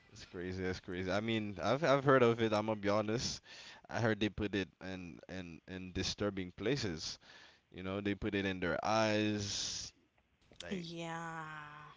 S1: that's crazy. That's crazy. I mean, I've heard of it. I'm gonna be honest. I heard they put it in disturbing places. You know, they put it in their eyes. Like
S2: yeah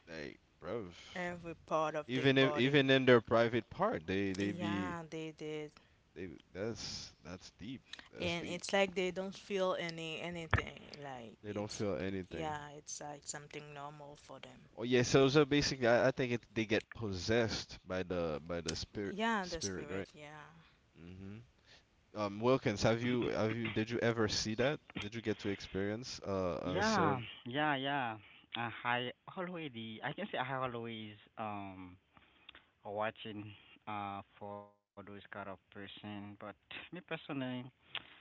S1: bro,
S2: every part of the
S1: even if
S2: body
S1: even in their private part, they be
S2: yeah they did
S1: they that's deep. That's
S2: and
S1: deep.
S2: it's like they don't feel anything like
S1: They don't
S2: it's
S1: feel anything.
S2: yeah it's like something normal for them
S1: Oh yeah, so basically, I think it they get possessed by the
S2: yeah the
S1: spirit, right?
S2: spirit yeah
S1: hmm Wilkins, have you did you ever see that? Did you get to experience a ceremony?
S3: Yeah, yeah, yeah. I already, I can say, I always watching for those kind of person, but me personally,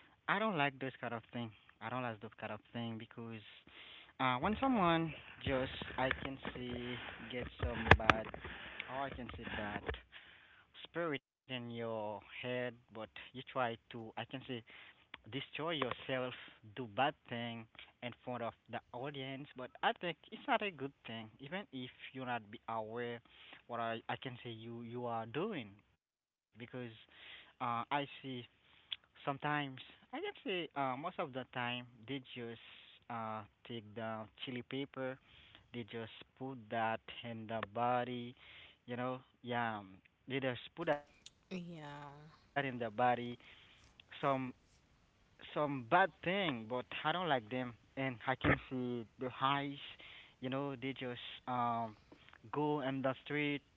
S3: I don't like those kind of thing. I don't like those kind of thing because when someone just, I can see, get some bad, or I can see that spirit in your head. But you try to, I can say, destroy yourself, do bad thing in front of the audience. But I think it's not a good thing, even if you're not be aware what I can say you are doing. Because I see sometimes, I can say, most of the time they just uh, take the chili paper, they just put that in the body, you know, yeah, they just put that in the body.
S2: yeah
S3: Some some bad thing, but I don't like them. And I can see the highs, you know, they just um go in the street, put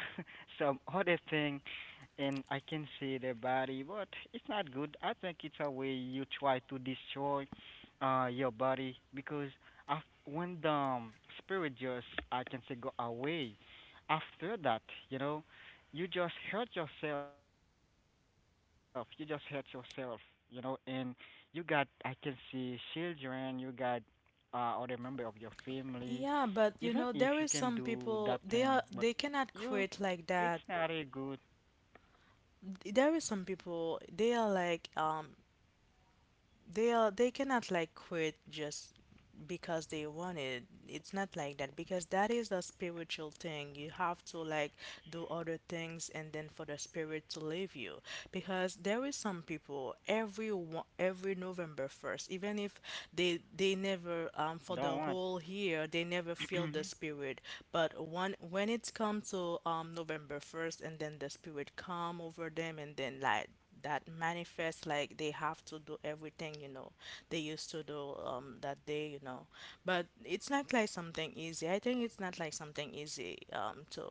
S3: some other thing, and I can see their body, but it's not good. I think it's a way you try to destroy your body. Because when the spirit just, I can say, go away, after that, you know, you just hurt yourself. You just hurt yourself, you know. And you got, I can see, children, you got other member of your family. Even if you
S2: yeah
S3: can
S2: but you
S3: do
S2: know
S3: that
S2: there is
S3: thing,
S2: some
S3: but
S2: people
S3: you,
S2: they
S3: it's
S2: cannot
S3: not
S2: quit
S3: a
S2: like
S3: good,
S2: that there is some people they are like they are they cannot like quit just because they want it. It's not like that because that is a spiritual thing. You have to like do other things and then for the spirit to leave you. Because there is some people every one, every November 1st, even if they never
S3: don't
S2: for
S3: want.
S2: the whole year they never feel the spirit but one when it comes to November 1st, and then the spirit come over them, and then like that manifests like they have to do everything you know they used to do that day you know. But it's not like something easy. I think it's not like something easy to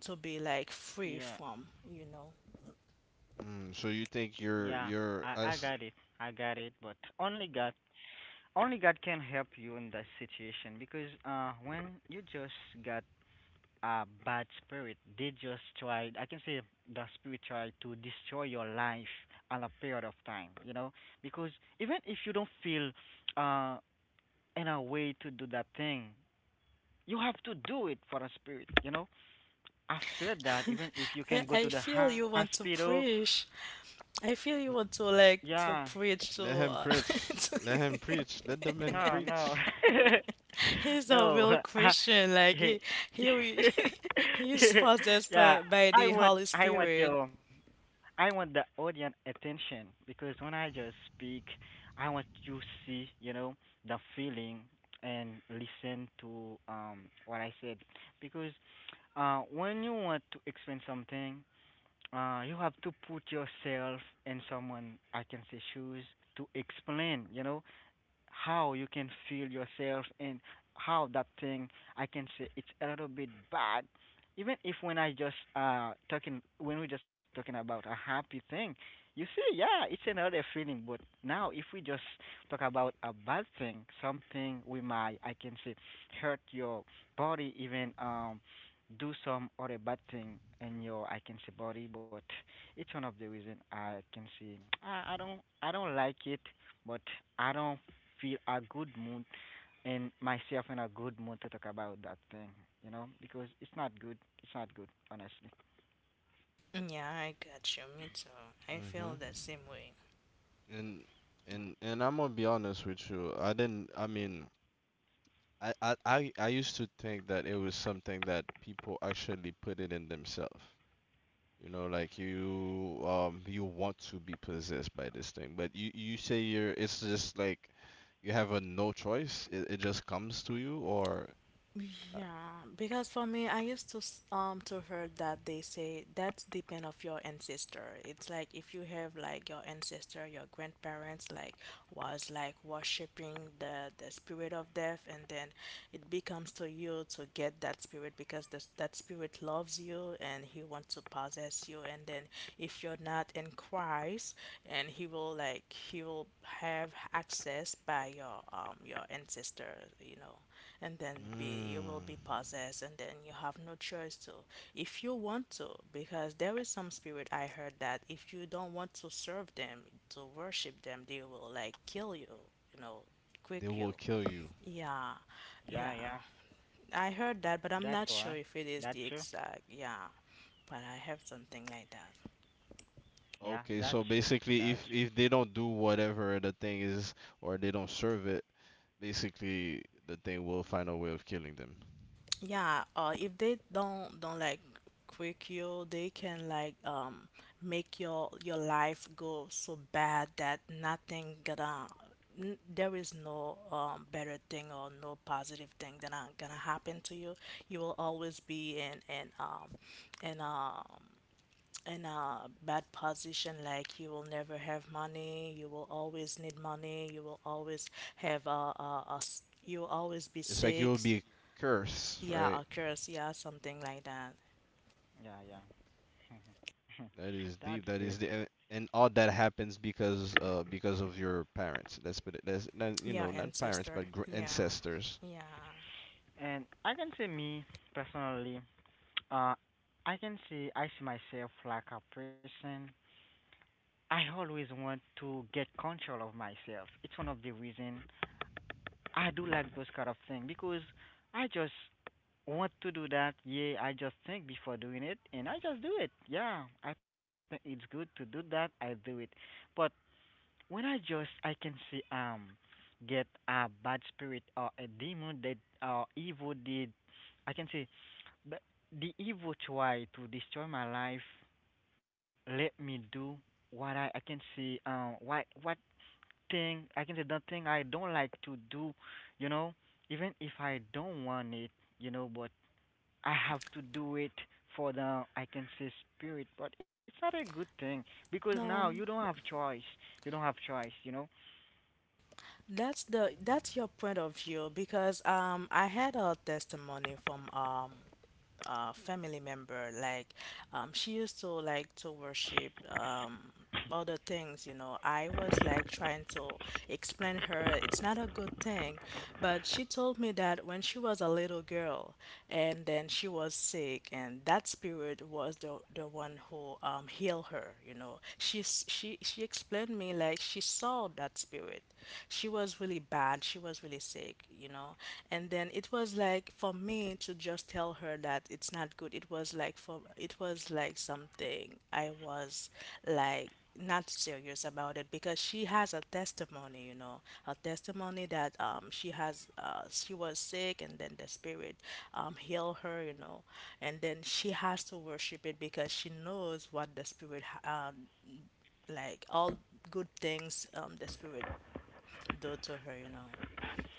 S2: to be like free
S3: Yeah,
S2: from you know.
S3: yeah, I
S1: Mm, so
S3: got
S1: you
S3: it,
S1: think
S3: I got it. But
S1: you're as
S3: Only God can help you in that situation because when you just got a bad spirit. They just tried, I can say, the spirit tried to destroy your life on a period of time, you know? Because even if you don't feel uh, in a way to do that thing, you have to do it for a spirit, you know? After that, even if you can
S2: I,
S3: go to
S2: I
S3: the
S2: feel you want
S3: hospital,
S2: to preach. I feel you want to like
S3: yeah,
S2: to preach to
S1: let him preach, let him preach, let the man
S3: no, no,
S1: preach.
S2: He's a
S3: no.
S2: real
S3: I-
S2: Christian. Like he re- he possessed
S3: yeah,
S2: by
S3: I
S2: the
S3: want,
S2: Holy
S3: I want
S2: Spirit.
S3: you. I want the audience attention because when I just speak, I want you see, you know, the feeling, and listen to what I said. Because when you want to explain something, you have to put yourself in someone, I can say, shoes to explain, you know, how you can feel yourself and how that thing, I can say, it's a little bit bad. Even if when I just talking, when we just talking about a happy thing, you see, yeah, it's another feeling. But now if we just talk about a bad thing, something we might, I can say, hurt your body, even do some other bad thing in your, I can say, body. But it's one of the reason I can see I don't like it. But I don't feel a good mood and myself in a good mood to talk about that thing, you know, because it's not good. It's not good, honestly.
S2: Yeah, I got you. Me too. I feel
S1: Mm-hmm.
S2: the same way.
S1: And
S3: Mhm.
S1: and I'm gonna be honest with you. I didn't. I mean, I used to think that it was something that people actually put it in themselves. You know, like you want to be possessed by this thing, but you say you're. It's just like you have a no choice. It just comes to you, or uh,
S2: Yeah, because for me, I used to to heard that they say that's depend of your ancestor. It's like if you have like your ancestor, your grandparents like was like worshiping the spirit of death, and then it becomes to you to get that spirit because this that spirit loves you and he wants to possess you. And then if you're not in Christ, and he will like he will have access by your ancestor, and then be you will be
S1: mm,
S2: possessed and then you have no choice to if you want to because there is some spirit I heard that if you don't want to serve them to worship them they will like kill you, you know, quick
S1: they
S2: you.
S1: will kill you.
S2: Yeah,
S3: Yeah,
S2: yeah,
S3: yeah,
S2: I heard that but I'm
S3: that's
S2: not
S3: why.
S2: sure if it is
S3: That's
S2: the
S3: true.
S2: exact. Yeah, but I have something like that.
S3: Yeah,
S1: Okay,
S3: that's
S1: so
S3: true. That's
S1: basically,
S3: true.
S1: if they don't do whatever the thing is, or they don't serve it, basically the thing will find a way of killing them.
S2: Yeah, if they don't like quick you, they can like make your life go so bad that nothing gonna there is no better thing or no positive thing gonna happen to you. You will always be in in um in a bad position, like you will never have money, you will always need money, you will always have you'll always be
S1: It's like it
S2: sick.
S1: will be a curse,
S2: Yeah, a
S1: right?
S2: curse. Yeah, something like that.
S3: Yeah, yeah.
S1: That is
S3: That's
S1: deep. That
S3: good.
S1: is the And all that happens because of your parents. Let's put it. That's not, you
S2: Yeah,
S1: know, not parents
S2: ancestor.
S1: but
S2: Yeah,
S1: ancestors.
S2: yeah.
S3: And I can say me personally, uh I can see, I see myself like a person. I always want to get control of myself. It's one of the reason I do like those kind of thing because I just want to do that. Yeah, I just think before doing it, and I just do it. Yeah, I think it's good to do that. I do it, but when I just, I can see, get a bad spirit or a demon that, or evil did, I can see, but the evil try to destroy my life. Let me do what I can see. What thing, I can say, the thing I don't like to do, you know, even if I don't want it, you know, but I have to do it for the, I can say, spirit. But it's not a good thing because now you
S2: Um,
S3: don't have choice. You don't have choice, you know.
S2: that's the that's your point of view because I had a testimony from family member. Like, she used to like to worship other things, you know. I was like trying to explain her it's not a good thing, but she told me that when she was a little girl and then she was sick, and that spirit was the one who healed her, you know. She explained me like she saw that spirit. She was really bad, she was really sick, you know, and then it was like for me to just tell her that it's not good. It was like for it was like something I was like not serious about it because she has a testimony, you know. A testimony that she has she was sick and then the spirit healed her, you know, and then she has to worship it because she knows what the spirit like all good things the spirit do to her, you know,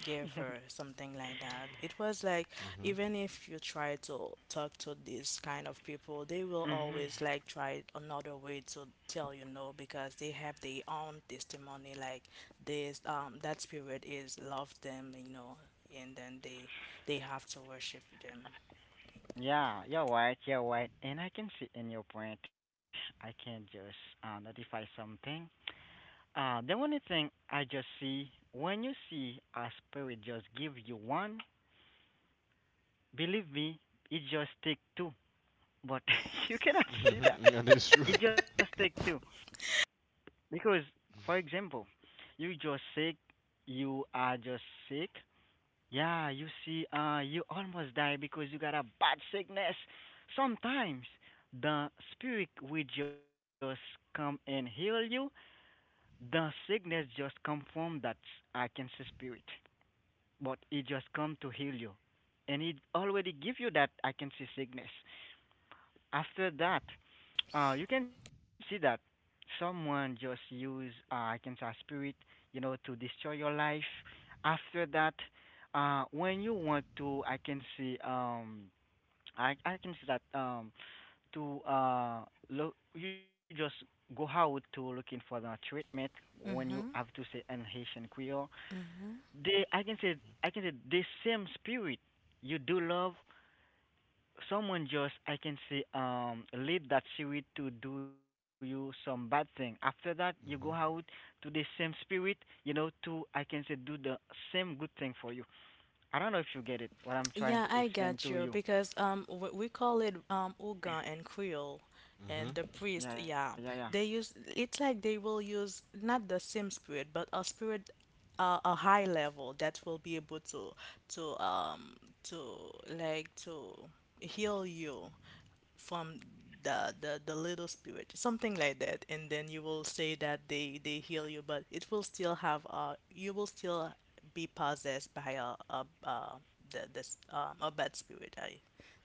S2: give her something like that. It was like
S1: Mhm.
S2: even if you try to talk to these kind of people, they will
S3: Hmm.
S2: always like try another way to tell you no because they have their own testimony like this that spirit is love them, you know, and then they have to worship them.
S3: Yeah, you're right. You're right, and I can see in your point. I can just notify something. The only thing I just see, when you see a spirit just give you one, believe me, it just take two. But you cannot see that.
S1: Mhm. That is true.
S3: It just take two. Because, for example, you just sick, you are just sick. Yeah, you see, you almost die because you got a bad sickness. Sometimes the spirit will just come and heal you. The sickness just come from that, I can see, spirit, but it just come to heal you, and it already give you that, I can see, sickness. After that, you can see that someone just use, I can say, spirit, you know, to destroy your life. After that, when you want to, I can see, I can see that, to look, you just go out to looking for the treatment, when you
S2: Mm-hmm.
S3: have to say an Haitian Creole.
S2: Mm-hmm.
S3: They, I can say, the same spirit you do love, someone just, I can say, lead that spirit to do you some bad thing. After that, you go out
S1: Mhm.
S3: to the same spirit, you know, to, I can say, do the same good thing for you. I don't know if you get it what I'm trying
S2: Yeah,
S3: to
S2: I
S3: explain
S2: got
S3: to
S2: you
S3: you.
S2: because we call it Oga and Creole and
S1: Mhm.
S2: the priest,
S3: Yeah, yeah, yeah.
S2: yeah. They use it's like they will use not the same spirit but a spirit, a high level that will be able to to um to like to heal you from the little spirit, something like that, and then you will say that they heal you but it will still have you will still be possessed by the this a bad spirit. I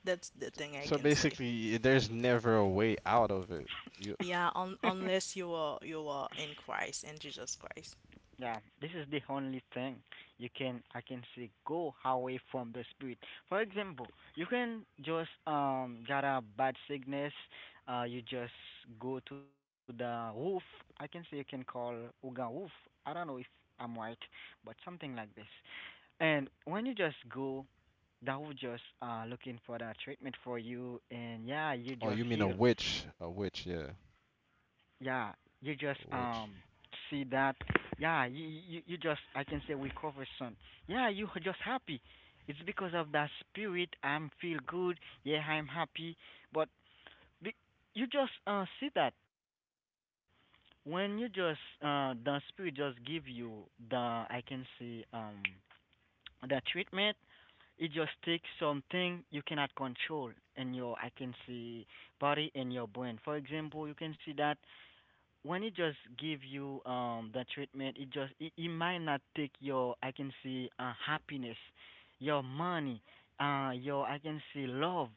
S2: that's the thing I
S1: So
S2: can say.
S1: basically, there's never a way out of it. You
S2: Yeah, unless you are you are in Christ, in Jesus Christ.
S3: Yeah, this is the only thing you can, I can say, go away from the spirit. For example, you can just got a bad sickness, you just go to the roof. I can say you can call Uga roof. I don't know if I'm right, but something like this. And when you just go, that will just looking for the treatment for you, and yeah, you
S1: oh
S3: just
S1: you mean a
S3: heal.
S1: witch? A witch, yeah.
S3: Yeah, you just
S1: Which,
S3: see that. Yeah, you just, I can say, recover some. Yeah, you are just happy. It's because of that spirit, I'm feel good. Yeah, I'm happy. But be, you just see that. When you just the spirit just give you the I can say the treatment, it just takes something you cannot control in your I can see body and your brain. For example, you can see that when it just give you the treatment, it just, it might not take your I can see happiness, your money, your I can see love,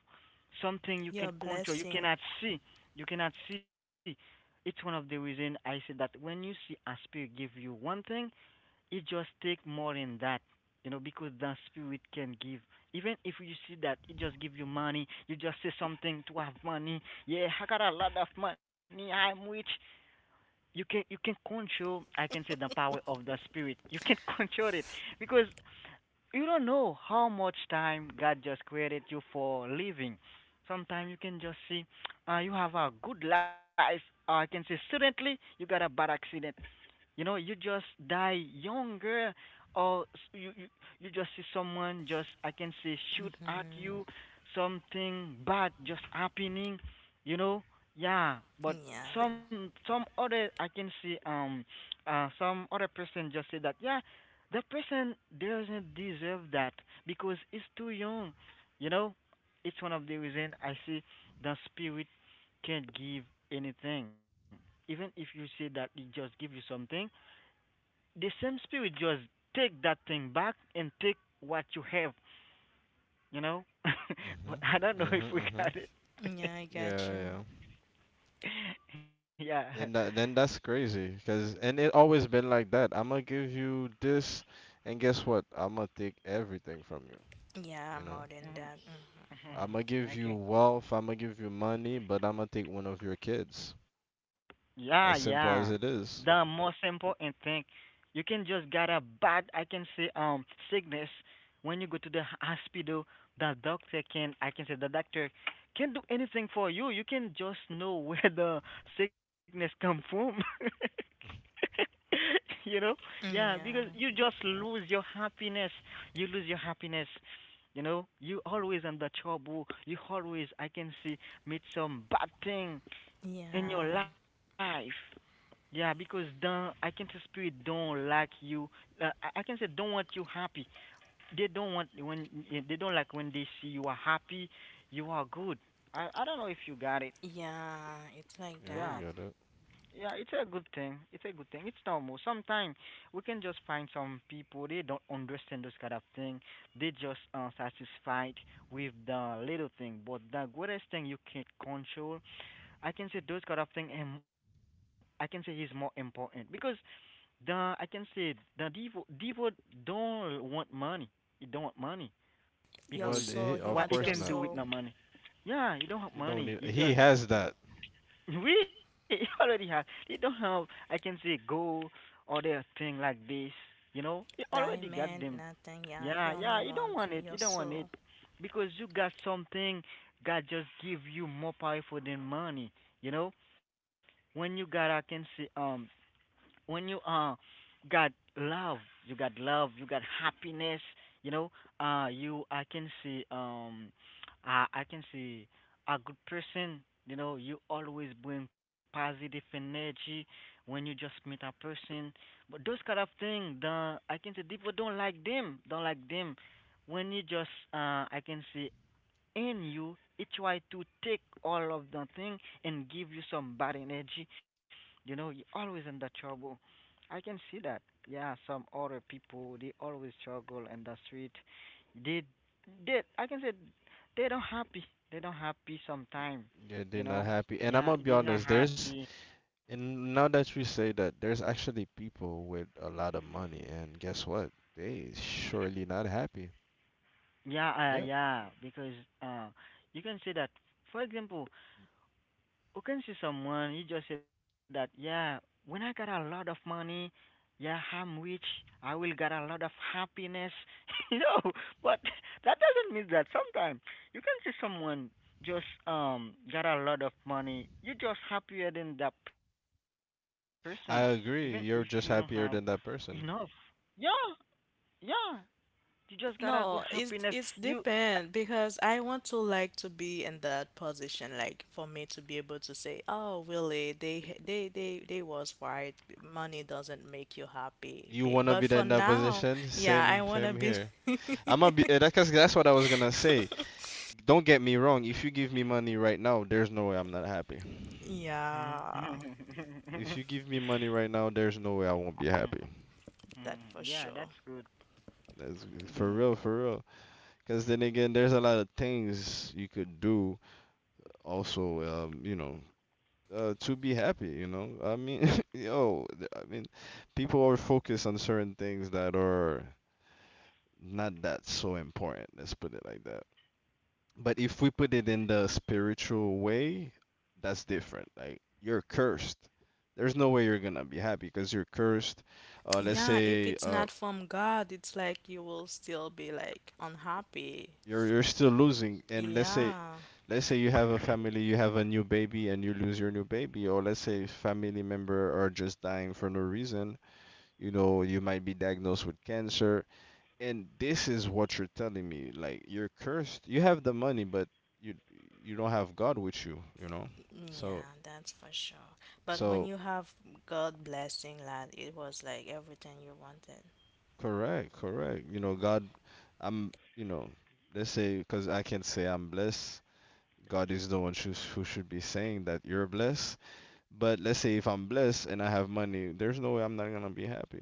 S3: something you can
S2: Your
S3: control you
S2: blessing.
S3: cannot see. You cannot see. It's one of the reason I said that when you see a spirit give you one thing, it just take more than that. You know, because the spirit can give, even if you see that it just give you money. You just say something to have money. Yeah, I got a lot of money, I'm rich. You can, you can control, I can say, the power of the spirit you can control it. Because you don't know how much time God just created you for living. Sometimes you can just see, you have a good life, or I can say suddenly you got a bad accident. You know, you just die younger, or you just see someone just I can say shoot at
S2: Hmm.
S3: you, something bad just happening. You know, yeah. But
S2: Yeah,
S3: some some other I can see some other person just say that, yeah, the person doesn't deserve that because it's too young. You know, it's one of the reason I see the spirit can't give anything, even if you say that it just give you something. The same spirit just take that thing back and take what you have, you know?
S1: Mhm.
S3: But I don't
S1: Mhm.
S3: know if we
S1: Mhm.
S3: got it.
S2: yeah, I
S1: Yeah,
S2: got you.
S1: yeah.
S3: Yeah.
S1: And then that's crazy, cause and it always been like that. I'm gonna give you this, and guess what? I'm gonna take everything from you.
S2: Yeah,
S1: You know,
S2: more than that. Hmm.
S1: I'm gonna give you
S3: Okay.
S1: wealth. I'm gonna give you money, but I'm gonna take one of your kids. As
S3: Yeah,
S1: simple as
S3: yeah.
S1: it is.
S3: The most important thing, you can just get a bad, I can say, sickness. When you go to the hospital, the doctor can, I can say, the doctor can do anything for you. You can just know where the sickness come from. You know? Yeah, because you
S2: Yeah.
S3: just lose your happiness. You lose your happiness. You know, you always under trouble. You always, I can see, meet some bad thing in your
S2: Yeah,
S3: life. Yeah, because don't I can say spirit don't like you. I can say don't want you happy. They don't want when eh, they don't like when they see you are happy, you are good. I don't know if you got it.
S2: yeah. It's like
S1: Yeah, we
S3: Yeah.
S2: that.
S1: got it.
S3: Yeah, it's a good thing. It's a good thing. It's normal. Sometimes we can just find some people they don't understand this kind of thing. They just satisfied with the little thing, but the greatest thing you can control, I can say those kind of thing. Him, I can say, he's more important because the I can say the Devo don't want money. He don't want money because
S2: Your
S1: What?
S2: soul, he
S3: what
S1: Of
S3: he
S2: wants
S1: course
S2: your
S3: can do
S1: not.
S3: with no
S2: soul.
S3: money. Yeah, he don't have
S1: You don't
S3: money.
S1: need.
S3: He
S1: He
S3: just
S1: has that.
S3: we he already have. He don't have. I can say go or their thing like this. You know, he already got them.
S2: Diamond, nothing, yeah.
S3: Yeah,
S2: He
S3: yeah,
S2: only
S3: you don't want
S2: wants
S3: it. You
S2: your
S3: don't want it
S2: soul.
S3: because you got something God just give you more powerful than money. You know, when you got, I can see when you got love, you got love, you got happiness, you know, you I can see a good person. You know, you always bring positive energy when you just meet a person. But those kind of things the I can say people don't like them, don't like them. When you just I can see in you, it try to take all of the thing and give you some bad energy. You know, you always in the trouble, I can see that. Yeah, some other people they always struggle in the street. they they I can say they don't happy, they don't happy sometime.
S1: Yeah,
S3: You
S1: they're
S3: know,
S1: not happy. And I'm
S3: yeah,
S1: gonna be
S3: they're not
S1: honest. There's
S3: happy.
S1: And now that you say that, there's actually people with a lot of money, and guess what? They surely not happy.
S3: yeah uh,
S1: Yeah,
S3: yeah because uh you can say that, for example, you can see someone. You just say that, yeah, when I got a lot of money, yeah, I'm rich, I will get a lot of happiness. You know, but that doesn't mean that. Sometimes you can see someone just got a lot of money, you're just happier than that person, even if you don't
S1: I
S3: have
S1: agree. You're just
S3: enough.
S1: happier than that person.
S3: Yeah, yeah, you just got a good
S2: No,
S3: happiness. You.
S2: it's depend because I want to like to be in that position, like for me to be able to say, oh, really, they was right. Money doesn't make you happy.
S1: You wanna be
S2: But
S1: in
S2: for
S1: that
S2: now,
S1: position?
S2: yeah,
S1: Same,
S2: I
S1: same
S2: wanna be.
S1: here. I'm gonna be. That's 'cause that's what I was gonna say. Don't get me wrong. If you give me money right now, there's no way I'm not happy.
S2: Yeah,
S1: If you give me money right now, there's no way I won't be happy.
S2: that for
S3: Yeah, that's
S2: sure.
S3: good.
S1: That's for real, for real. Because then again, there's a lot of things you could do also to be happy. yo th- I mean People are focused on certain things that are not that so important, let's put it like that. But if we put it in the spiritual way, that's different. Like, you're cursed, there's no way you're gonna be happy because you're cursed. Let's
S2: Yeah, if
S1: say
S2: it's
S1: uh,
S2: not from God, it's like you will still be like unhappy.
S1: you're still losing, and let's say
S2: Yeah,
S1: let's say you have a family, you have a new baby and you lose your new baby, or let's say family member are just dying for no reason. You know, you might be diagnosed with cancer, and this is what you're telling me. Like, you're cursed, you have the money, but you you don't have god with you, you know. so
S2: yeah, that's for sure. But
S1: so
S2: when you have God blessing, lad, it was like everything you wanted.
S1: correct, correct. You know, god I'm you know, let's say, because I can say I'm blessed. God is the one who should be saying that you're blessed. But let's say if I'm blessed and I have money, there's no way I'm not gonna be happy.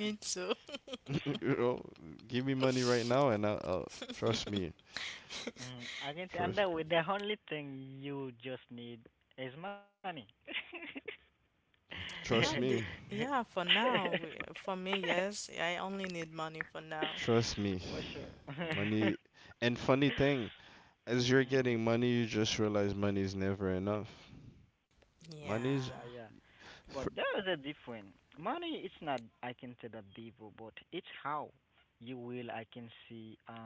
S2: Me too.
S1: You know, give me money right now, and I'll trust me,
S3: Mm, I can see, and
S1: trust,
S3: the only thing you just need is money.
S1: trust
S2: Not
S1: me,
S2: the yeah, for now. For me, yes, I only need money for now.
S1: trust me.
S3: For sure. Mm,
S1: Money. And funny thing, as
S3: mm,
S1: you're
S3: mm.
S1: getting money, you just realize money is never enough.
S3: Yeah, yeah.
S1: Money's
S2: Yeah.
S3: But there is a
S1: fr-
S3: difference. Money, it's not I can say that devil, but it's how you will I can see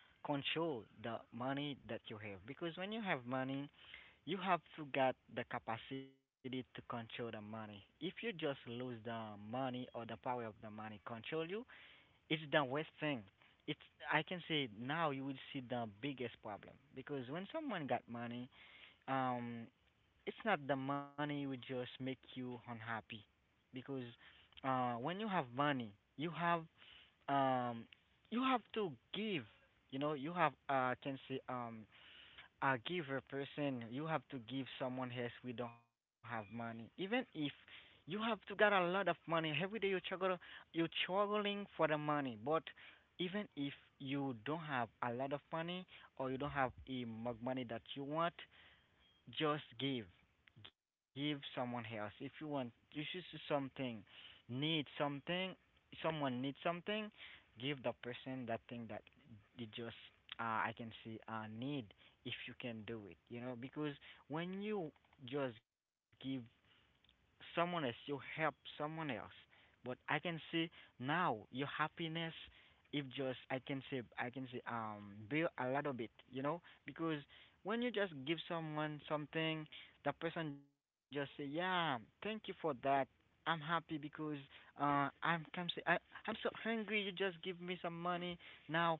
S3: control the money that you have, because when you have money, you have to get the capacity to control the money. If you just lose the money or the power of the money control you, it's the worst thing. It's I can say now you will see the biggest problem, because when someone got money, um it's not the money will just make you unhappy. Because when you have money, you have um you have to give. You know, you have can say a giver person. You have to give someone else we don't have money, even if you have to get a lot of money. Every day you struggle, you're struggling for the money, but even if you don't have a lot of money or you don't have a mug money that you want, just give. Give someone else. If you want, if you should see something, need something, someone needs something, give the person that thing that they just, uh, I can see, need, if you can do it. You know, because when you just give someone else, you help someone else. But I can see now your happiness if just I can say build a little bit, you know? Because when you just give someone something, the person just say, yeah, thank you for that. I'm happy because I'm can say I'm so hungry, you just give me some money. Now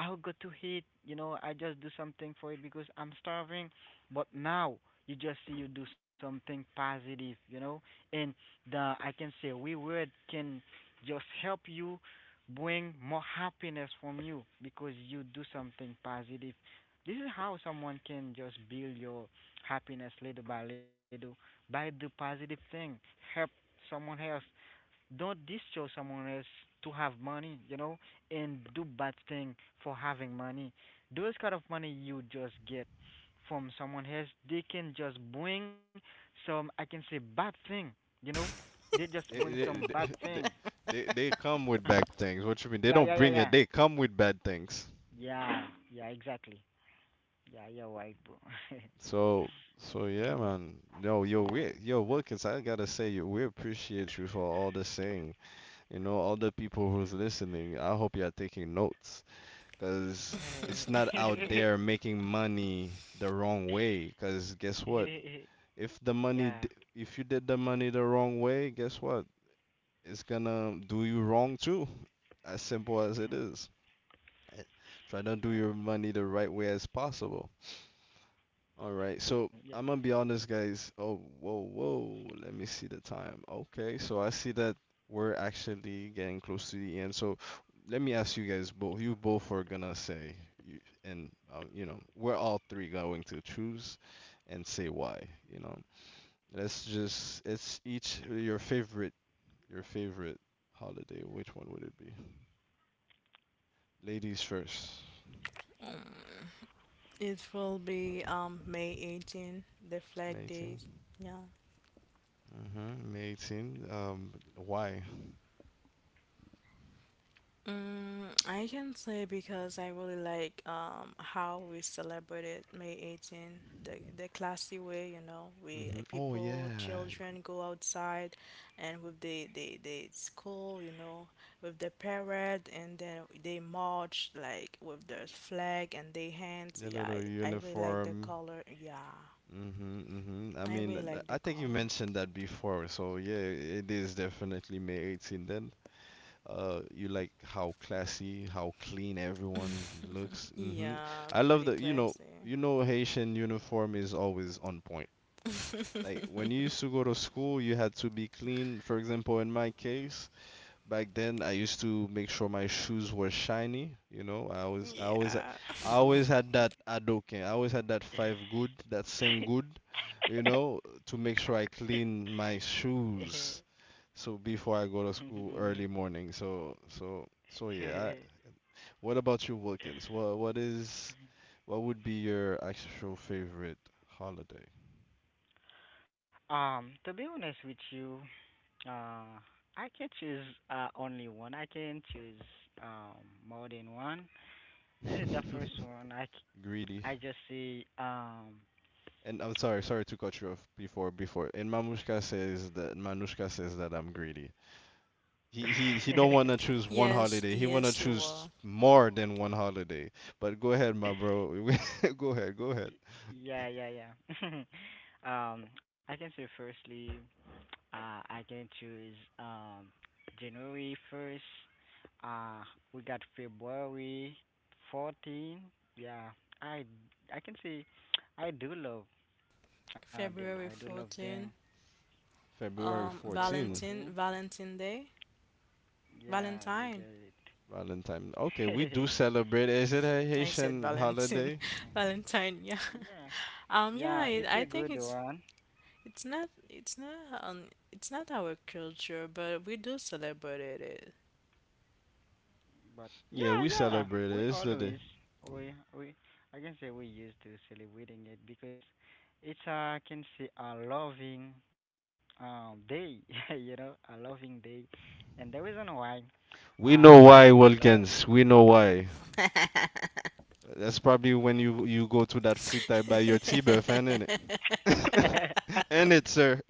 S3: I'll go to eat. You know, I just do something for it because I'm starving. But now you just see you do something positive, you know, and the I can say reward can just help you bring more happiness from you because you do something positive. This is how someone can just build your happiness little by little by the positive thing. Help someone else, don't destroy someone else to have money, you know, and do bad thing for having money. Those kind of money you just get from someone else, they can just bring some, I can say, bad thing, you know. They
S1: they,
S3: just bring
S1: they,
S3: some bad
S1: they,
S3: thing.
S1: they come with bad
S3: yeah,
S1: things. What you mean? They don't
S3: yeah,
S1: bring it.
S3: yeah,
S1: They
S3: yeah.
S1: come with bad things.
S3: Yeah, yeah, exactly. Yeah, you're right, bro.
S1: So, so yeah, man. No, yo, we,
S3: Yeah.
S1: yo, Wilkins, I gotta say, yo, we appreciate you for all the saying. You know, all the people who's listening, I hope you're taking notes, because it's not out there making money the wrong way. Because guess what? If the
S3: Yeah,
S1: money,
S3: yeah,
S1: d- if you did the money the wrong way, guess what? It's gonna do you wrong too. As simple as it is. Eh, try to do your money the right way as possible. All right, so I'm gonna be honest, guys. Oh, whoa, whoa. Let me see the time. Okay, so I see that we're actually getting close to the end. So let me ask you guys both. You both are gonna say, you, and you know, we're all three going to choose and say why. You know, let's just. It's each your favorite holiday. Which one would it be? Ladies first.
S2: It will be May 18, the Flag
S1: May
S2: Day.
S1: 18.
S2: Yeah.
S1: Mm-hmm. May 18. Why?
S2: Mm, I can say because I really like how we celebrated May 18, the classy way, you know, we
S1: Hmm. Oh
S2: people,
S1: yeah,
S2: children go outside and with the school, you know, with the parade and then they march like with their flag and they hands.
S1: the
S2: Yeah,
S1: little
S2: I really like the
S1: uniform.
S2: color. Yeah.
S1: Hmm. Hmm, I
S2: I
S1: mean,
S2: really like the
S1: I think you
S2: color.
S1: mentioned that before, so yeah, it is definitely May 18 then. You like how classy, how clean everyone looks. Hmm.
S2: Yeah,
S1: I love
S2: pretty
S1: that,
S2: classy.
S1: you know Haitian uniform is always on point. Like when you used to go to school, you had to be clean. For example, in my case, back then, I used to make sure my shoes were shiny. You know, I always, I always, I
S2: Yeah.
S1: always had that adoken. I always had that five good, that sing good. You know, to make sure I clean my shoes. So before I go to school
S3: yeah.
S1: early morning. So, so, so yeah. I, what about you, Wilkins? What is, what would be your actual favorite holiday?
S3: To be honest with you, uh, I can choose only one. I can choose um more than one. I did the first one.
S1: Greedy.
S3: I just see.
S1: And I'm sorry, sorry to cut you off before. And Manushka says that I'm greedy. He don't want to choose one
S2: Yes,
S1: holiday. He want to
S2: yes, you
S1: choose
S2: were.
S1: more than one holiday. But go ahead, my bro. Go ahead, go ahead.
S3: Yeah, yeah, yeah. I can say firstly, I can choose January 1st. Uh, we got February 14. Yeah, I I can say I do love Ah them. I do
S2: February
S3: love them.
S2: 14.
S3: Yeah,
S1: February
S3: February 14.
S1: 14,
S2: Valentine, Valentine Day,
S3: Yeah, you get it.
S2: Valentine.
S1: Valentine. Okay, we do celebrate. Is it a
S2: I said
S1: Haitian
S2: Valentine,
S1: holiday?
S2: Valentine. Yeah.
S3: Yeah,
S2: Yeah.
S3: yeah,
S2: It,
S3: it's
S2: I
S3: a
S2: think
S3: good
S2: it's
S3: one.
S2: it's not it's not it's not our culture, but we do celebrate it.
S3: But
S1: Yeah,
S3: yeah,
S1: we
S3: yeah,
S1: celebrate it.
S3: we
S1: It's the day.
S3: always we I can say we used to celebrating it, because it's I can say a loving day. You know, a loving day, and the reason why
S1: We know
S3: I
S1: why,
S3: love.
S1: Wilkins. We know why. That's probably when you go to that free time by your tea buff, ain't it? Ain't it, sir?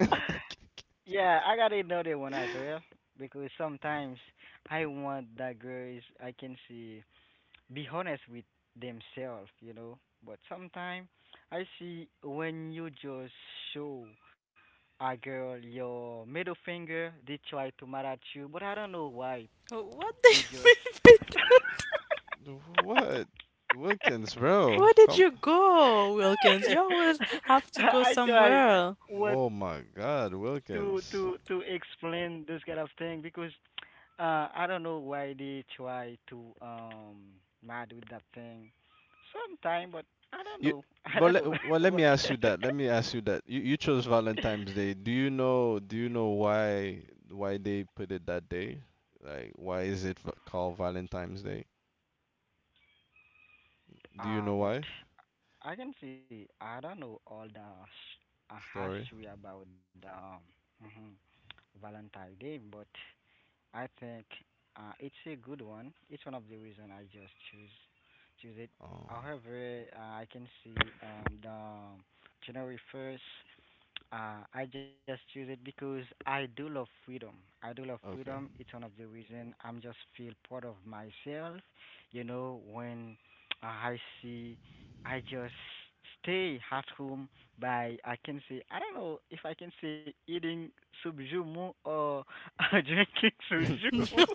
S3: Yeah, I got another one as well because sometimes I want that girls I can see be honest with themselves, you know. But sometimes I see when you just show a girl your middle finger, they try to mad at you, but I don't know why
S2: What do
S3: they just.
S2: you mean by that?
S1: What? Wilkins, bro.
S2: Where did
S1: Come.
S2: you go, Wilkins? You always have to go
S3: I try
S2: somewhere.
S3: what
S1: Oh
S3: to
S1: my
S3: to
S1: God,
S3: to
S1: Wilkins.
S3: explain this kind of thing because I don't know why they try to mad with that thing sometime, but I don't know.
S1: You.
S3: I don't know
S1: But
S3: what.
S1: let, well, let me ask you that. Let me ask you that. You chose Valentine's Day. Do you know? Do you know why they put it that day? Like, why is it called Valentine's Day? Do you know
S3: But
S1: why?
S3: I can see I don't know all the history
S1: Story.
S3: about the mhm, Valentine Day, but I think it's a good one. It's one of the reason I just choose it.
S1: Oh.
S3: However, I can see the January 1st. I just choose it because I do love freedom. I do love freedom.
S1: Okay.
S3: It's one of the reason I'm just feel part of myself. You know, when I see, I just stay at home by I can say I don't know if I can say eating subjumu or drinking suju.
S2: No.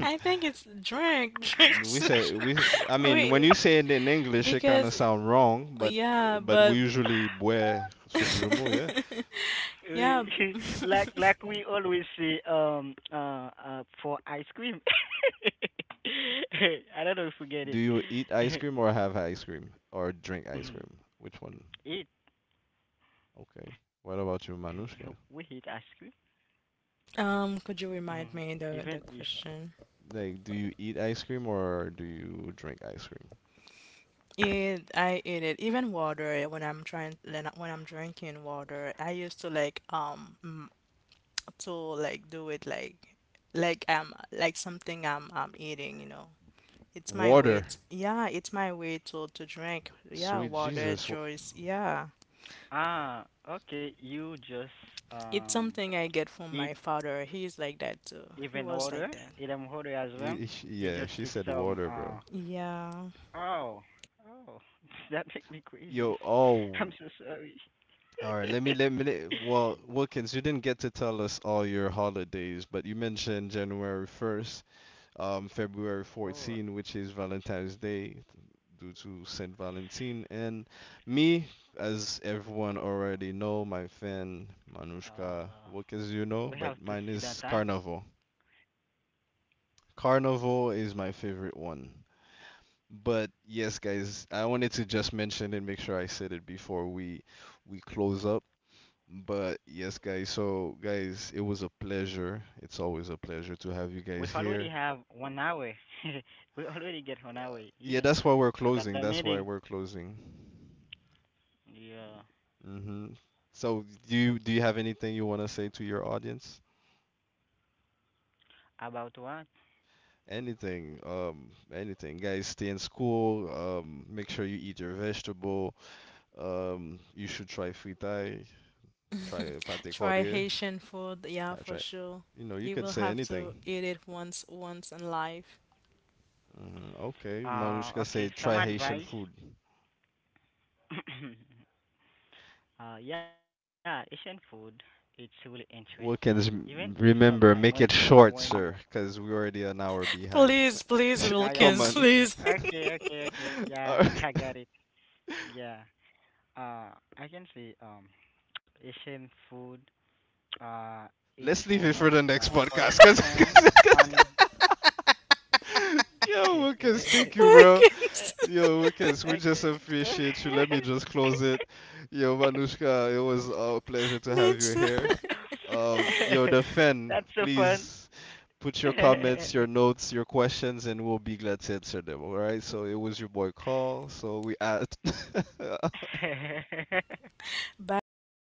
S2: I think it's drink.
S1: We say
S2: Social-
S1: we. I mean, when you
S2: Wait,
S1: say it in English, it kind
S2: because
S1: of sound wrong,
S2: yeah,
S1: but we
S2: but
S1: usually boire soup jumeau, yeah.
S3: We
S2: yeah.
S3: like we always say for ice cream. I don't know if we get it.
S1: Do you eat ice cream or have ice cream or drink ice
S3: Mhm.
S1: cream? Which one?
S3: Eat.
S1: Okay. What about
S3: We
S1: you,
S3: eat ice
S1: Manushka?
S3: cream. Mhm.
S2: Could you
S3: Even
S2: remind me
S3: if
S2: the question?
S1: Like, do you eat ice cream or do you drink ice cream?
S2: It, I eat it. Even water, eh, when I'm trying, when when I'm drinking water, I used to like to like do it like something I'm eating, you know. It's my way.
S1: Water.
S2: To, yeah, it's my way to drink. Yeah,
S1: Sweet
S2: water,
S1: Jesus.
S2: juice. Yeah,
S3: ah okay, you just um
S2: it's something I get
S3: eat
S2: from my father. He's like that
S3: even
S2: too. He
S3: water,
S2: was
S3: eat
S2: like that.
S3: them water as well. You just take
S1: Yeah, she said
S3: some
S1: water, bro.
S2: Yeah.
S3: oh oh that make me crazy.
S1: Yo,
S3: I'm so
S1: oh,
S3: sorry.
S1: all right, let me well, Wilkins, you didn't get to tell us all your holidays, but you mentioned January 1st, February
S3: Oh
S1: 14, which is Valentine's Day due to Saint Valentine, and me, as everyone already know, my fan
S3: uh
S1: Manushka Wilkins, you
S3: we have
S1: know,
S3: to
S1: but
S3: see
S1: mine
S3: that
S1: is
S3: time.
S1: Carnival. Carnival is my favorite one. But yes, guys, I wanted to just mention and make sure I said it before we close up. But yes, guys, so guys, it was a pleasure. It's always a pleasure to have
S3: We
S1: you guys
S3: already
S1: here.
S3: have 1 hour. We already get 1 hour.
S1: Uh,
S3: Yeah.
S1: yeah, that's why we're
S3: Look at the
S1: closing. That's
S3: meeting.
S1: why we're closing.
S3: Yeah.
S1: Hmm. So do you have anything you want to say to your audience?
S3: About what?
S1: Anything, anything, guys. Stay in school. Make sure you eat your vegetable. You should try fritai, try pate
S2: Try
S1: corde,
S2: Haitian food. Yeah, for
S1: try.
S2: sure.
S1: You know, you
S2: You
S1: could
S2: will
S1: say
S2: have to
S1: anything.
S2: eat it once once in life.
S1: Mhm. Okay, Marushka
S3: Okay.
S1: say
S3: Some
S1: try Haitian
S3: advice.
S1: food.
S3: Uh, yeah, Asian food. It's really interesting. Even
S1: Wilkins,
S3: if
S1: m-
S3: sometime
S1: Remember, make it
S3: when you
S1: short, sir, because we're already an hour behind.
S2: Please, please,
S3: yeah yeah
S1: Come
S2: Wilkins,
S1: on.
S2: please.
S3: okay okay okay yeah
S1: All right.
S3: I got it yeah I can say Asian food uh it's
S1: Let's leave
S3: one
S1: it for
S3: of
S1: the next
S3: the
S1: podcast,
S3: powerful thing
S1: because
S3: and
S1: yo, Lucas, thank you, bro.
S2: Wilkins.
S1: Yo, Lucas, we just
S3: Okay.
S1: appreciate you. Let me just close it. Yo, Manushka, it was a pleasure to have
S2: Me
S1: you
S2: too.
S1: here. Yo, the
S3: That's
S1: fan,
S3: so fun.
S1: please put your comments, your notes, your questions, and we'll be glad to answer them. All right. So it was your boy Call. So we at
S2: Bye, everyone.